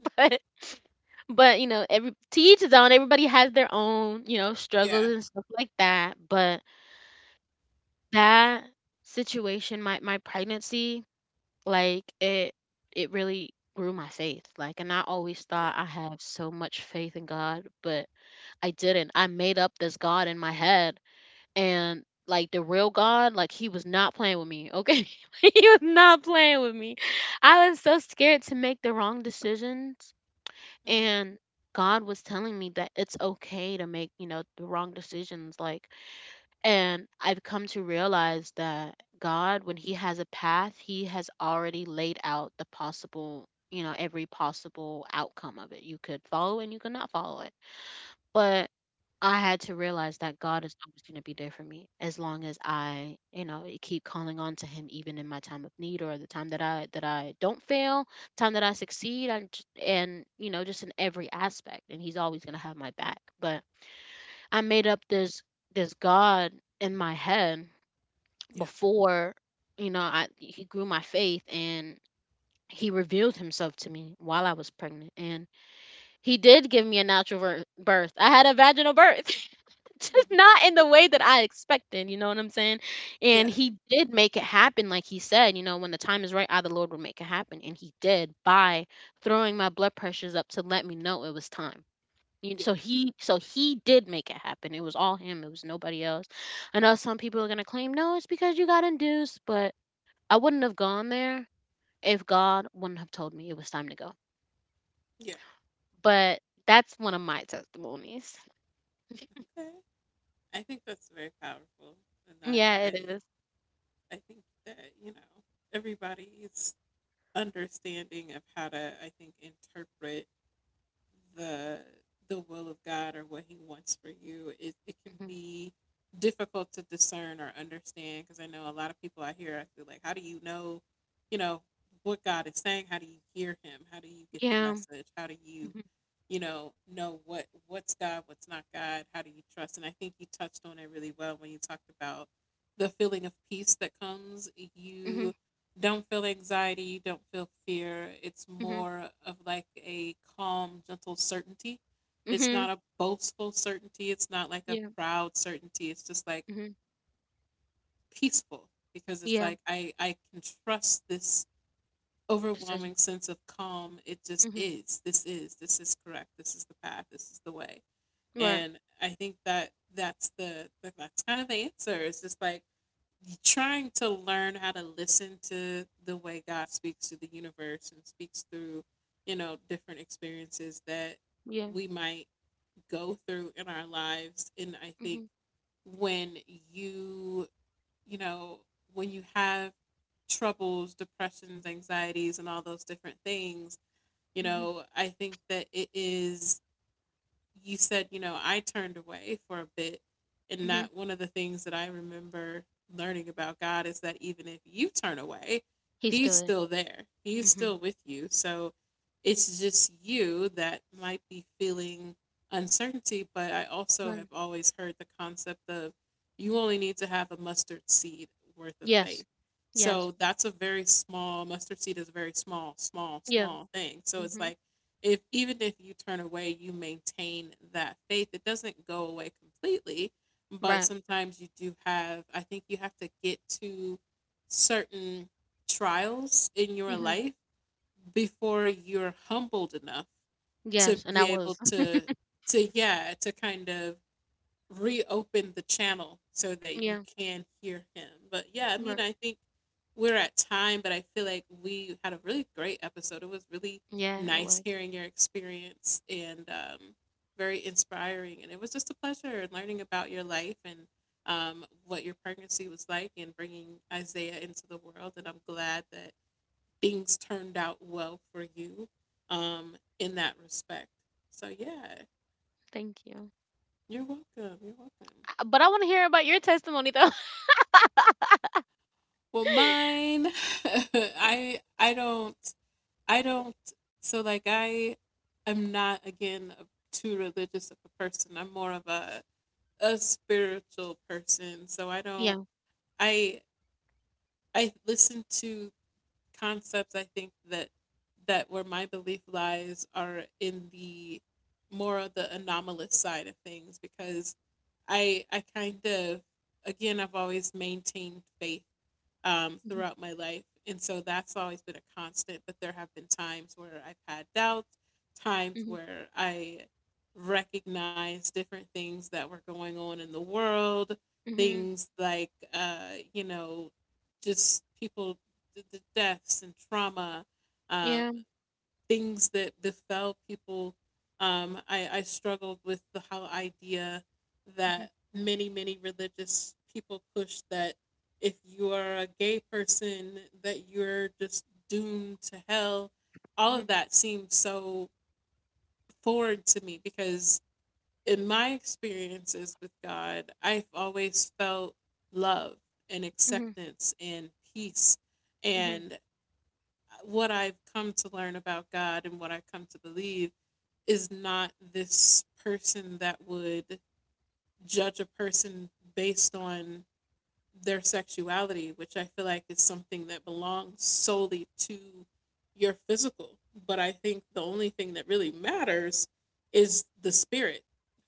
me. Mm, but but you know, every, to each his own. Everybody has their own, you know, struggles yeah. and stuff like that. But that situation, my my pregnancy, like, it it really grew my faith, like, and I always Yeah. thought I have so much faith in God, but I didn't. I made up this God in my head, and like, the real God, like, he was not playing with me, okay? He was not playing with me. I was so scared to make the wrong decisions, Mhm. and God was telling me that it's okay to make, you know, the wrong decisions, like, and I've come to realize that God, when He has a path, He has already laid out the possible, you know, every possible outcome of it. You could follow and you could not follow it. But I had to realize that God is always going to be there for me as long as I, you know, e- keep calling on to Him, even in my time of need or the time that I that I don't fail, time that I succeed, and and you know, just in every aspect. And He's always going to have my back. But I made up this this God in my head Yeah. before, you know, I He grew my faith, and He revealed himself to me while I was pregnant, and He did give me a natural vir- birth. I had a vaginal birth, just Mhm. not in the way that I expected, you know what I'm saying. Yeah. And He did make it happen, like He said, you know, when the time is right, I, the Lord, will make it happen. And He did, by throwing my blood pressures up to let me know it was time. You- Yeah. So he so he did make it happen. It was all him, it was nobody else. I know some people are going to claim, no, it's because you got induced, but I wouldn't have gone there if God wouldn't have told me it was time to go. Yeah. But that's one of my testimonies. Okay. I think that's very powerful. And I, Yeah, it I, is. I think that, you know, everybody's understanding of how to, I think, interpret the the will of God or what He wants for you, it, it can Mhm. be difficult to discern or understand. Because I know a lot of people out here, I feel like, how do you know, you know, what God is saying? How do you hear Him? How do you get the Yeah. message? How do you, Mhm. you know, know what what's God, what's not God? How do you trust? And I think you touched on it really well when you talked about the feeling of peace that comes Mhm. you don't feel anxiety, you don't feel fear. It's Mhm. more of like a calm, gentle certainty. It's not Mhm. a boastful certainty. It's not like a Yeah. proud certainty. It's just like Mhm. peaceful because it's Yeah. like I, I can trust this overwhelming Decision. sense of calm. It just Mhm. is. This is. This is correct. This is the path. This is the way. Right. And I think that that's the that- that's kind of the answer. It's just like trying to learn how to listen to the way God speaks to the universe and speaks through, you know, different experiences that Yeah. we might go through in our lives. And I think Mhm. when you, you know, when you have troubles, depressions, anxieties, and all those different things, you Mhm. know, I think that it is you said, you know, I turned away for a bit. And Mhm. that one of the things that I remember learning about God is that even if you turn away, He He's stood. still there, He's still Mhm. with you. So it's just you that might be feeling uncertainty. But I also have Right. always heard the concept of you only need to have a mustard seed worth of Yes. faith. Yes. So that's a very small mustard seed is a very small, small, Yeah. small thing. So it's Mhm. like if even if you turn away, you maintain that faith. It doesn't go away completely, but Right. sometimes you do have, I think you have to get to certain trials in your Mhm. life before you're humbled enough to Yes, and I be was. able to to yeah, to kind of reopen the channel so that you Yeah. can hear him. But yeah, I Right. mean, I think we're at time, but I feel like we had a really great episode. It was really Yeah, it nice was. hearing your experience and um, very inspiring. And it was just a pleasure learning about your life and um, what your pregnancy was like and bringing Isaiah into the world. And I'm glad that things turned out well for you um, in that respect. So yeah, Thank you. you're welcome. You're welcome. Uh, But I want to hear about your testimony though. Well, mine, I I don't I don't so like I am not again a, too religious of a person. I'm more of a a spiritual person. So I don't Yeah. I I listen to concepts I think that that where my belief lies are in the more of the anomalous side of things because I I kind of again I've always maintained faith um, throughout my life. And so that's always been a constant. But there have been times where I've had doubts, times Mhm. where I recognized different things that were going on in the world, Mm-hmm. things like, uh, you know, just people, the deaths and trauma. Um, Yeah. Things that befell people. Um, I, I struggled with the whole idea Mm-hmm. that many, many religious people push that if you are a gay person, that you're just doomed to hell. All Mm-hmm. of that seems so foreign to me because in my experiences with God, I've always felt love and Mm-hmm. acceptance and peace. Mm-hmm. And what I've come to learn about God and what I come to believe is not this person that would judge a person based on their sexuality, which I feel like is something that belongs solely to your physical. But I think the only thing that really matters is the spirit,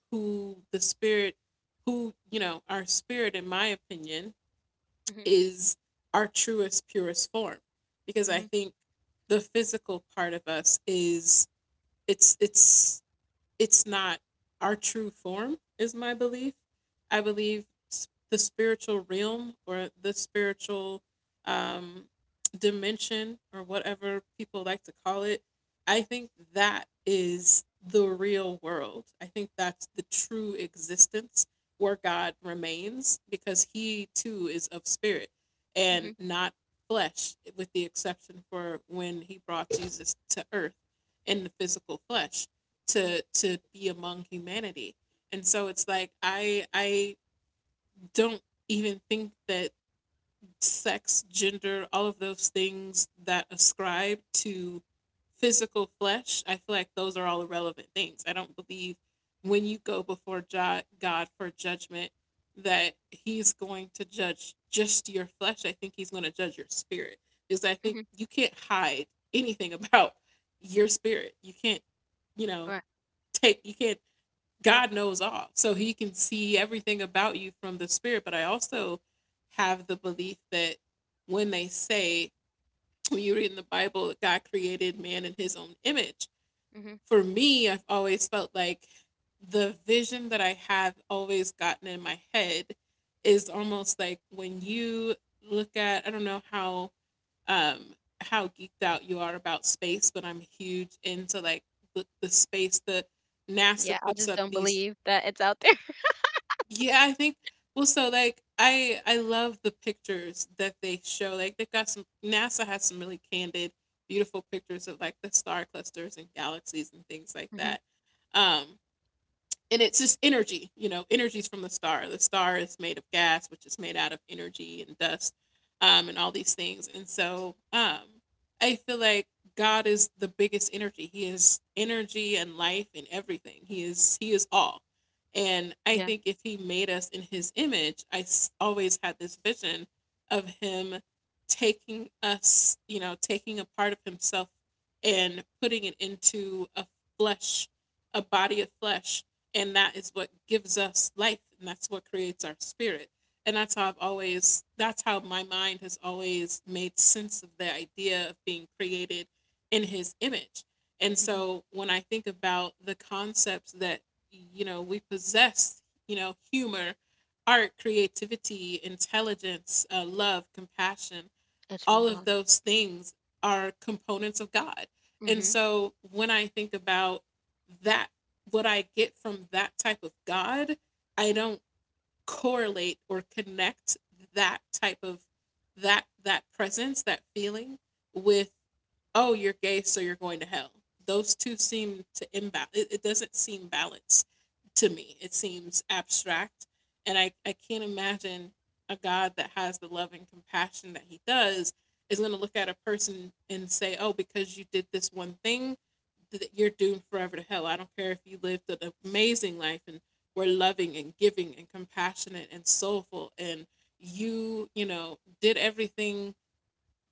who the spirit, who, you know, our spirit, in my opinion, Mm-hmm. is our truest, purest form. Because I Mm-hmm. think the physical part of us is, it's, it's, it's not our true form is my belief. I believe s- the spiritual realm or the spiritual um, dimension or whatever people like to call it. I think that is the real world. I think that's the true existence, where God remains, because he too is of spirit Mm-hmm. and not flesh, with the exception for when he brought Jesus to earth in the physical flesh Mm-hmm. to to be among humanity. And so it's like I I don't even think that sex, gender, all of those things that ascribe to physical flesh, I feel like those are all irrelevant things. I don't believe when you go before Jo- God for judgment that he's going to judge just your flesh. I think he's going to judge your spirit. Because I think Mm-hmm. you can't hide anything about your spirit. You can't, you know, Right. take you can't God knows all. So he can see everything about you from the spirit. But I also have the belief that when they say, when you read in the Bible, that God created man in his own image, Mm-hmm. for me, I've always felt like the vision that I have always gotten in my head is almost like when you look at, I don't know how. Um, how geeked out you are about space, but I'm huge into like the, the space, that NASA Yeah, I puts just up don't these believe that it's out there. yeah, I think well so like I I love the pictures that they show. Like they've got some NASA has some really candid, beautiful pictures of like the star clusters and galaxies and things like Mm-hmm. that. Um and it's just energy, you know, energy's from the star. The star is made of gas, which is made out of energy and dust, um, and all these things. And so um, I feel like God is the biggest energy. He is energy and life and everything he is. He is all. And I Yeah. think if he made us in his image, i s- always had this vision of him taking us, you know, taking a part of himself and putting it into a flesh, a body of flesh, and that is what gives us life, and that's what creates our spirit. And that's how i've always that's how my mind has always made sense of the idea of being created in his image. And Mm-hmm. so when I think about the concepts that, you know, we possess, you know, humor, art, creativity, intelligence, uh, love, compassion, It's from all of God. those things are components of God. And Mm-hmm. so when I think about that, what I get from that type of God, I don't correlate or connect that type of that that presence, that feeling with oh, you're gay, so you're going to hell. Those two seem to imbalance. It, it doesn't seem balanced to me. It seems abstract, and I, I can't imagine a God that has the love and compassion that He does is going to look at a person and say, "Oh, because you did this one thing, that you're doomed forever to hell. I don't care if you lived an amazing life and were loving and giving and compassionate and soulful and you you know, did everything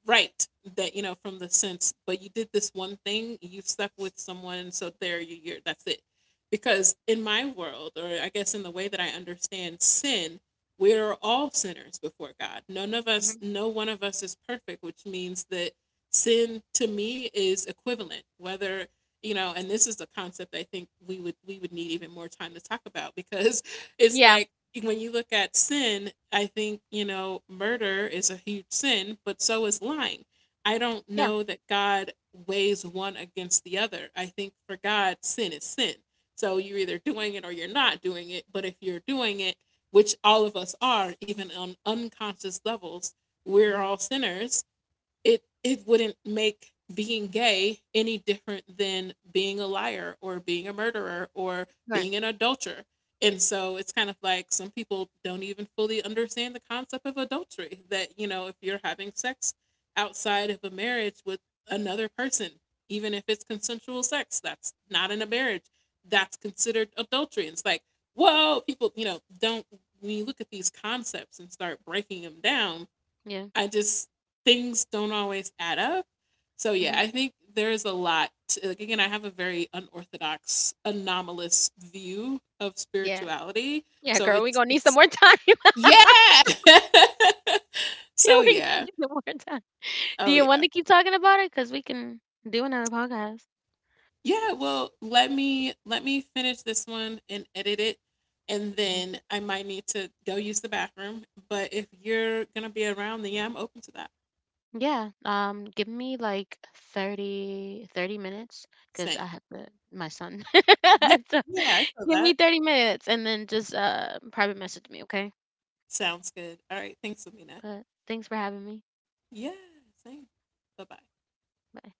right, that, you know, from the sense, but you did this one thing, you stuck with someone, so there you you're that's it. Because in my world, or I guess in the way that I understand sin, we're all sinners before God. None of Mm-hmm. us, no one of us is perfect, which means that sin to me is equivalent whether, you know, and this is a concept I think we would we would need even more time to talk about, because it's Yeah. like when you look at sin, I think, you know, murder is a huge sin, but so is lying. I don't Yeah. know that God weighs one against the other. I think for God, sin is sin. So you're either doing it or you're not doing it. But if you're doing it, which all of us are, even on unconscious levels, we're Mm-hmm. all sinners. it it wouldn't make being gay any different than being a liar or being a murderer or Right. being an adulterer. And so it's kind of like some people don't even fully understand the concept of adultery, that, you know, if you're having sex outside of a marriage with another person, even if it's consensual sex, that's not in a marriage, that's considered adultery. And it's like, whoa, people, you know, don't, when you look at these concepts and start breaking them down, Yeah. I just things don't always add up. So yeah, Mm-hmm. I think there is a lot. Like again, I have a very unorthodox, anomalous view of Yeah. spirituality. Yeah, So girl, we're it's gonna need some it's more time. yeah. So We're gonna yeah. need some more time. Do Oh you want yeah. to keep talking about it? Cause we can do another podcast. Yeah, well, let me let me finish this one and edit it, and Mm-hmm. then I might need to go use the bathroom, but if you're going to be around, then yeah, I'm open to that. Yeah, um, give me like thirty thirty minutes because I Same. have to my son. Yeah. So Yeah, I feel give me that. thirty minutes and then just uh private message me, okay? Sounds good. All right, thanks, Amina. But thanks for having me. Yeah, same. Bye bye. Bye.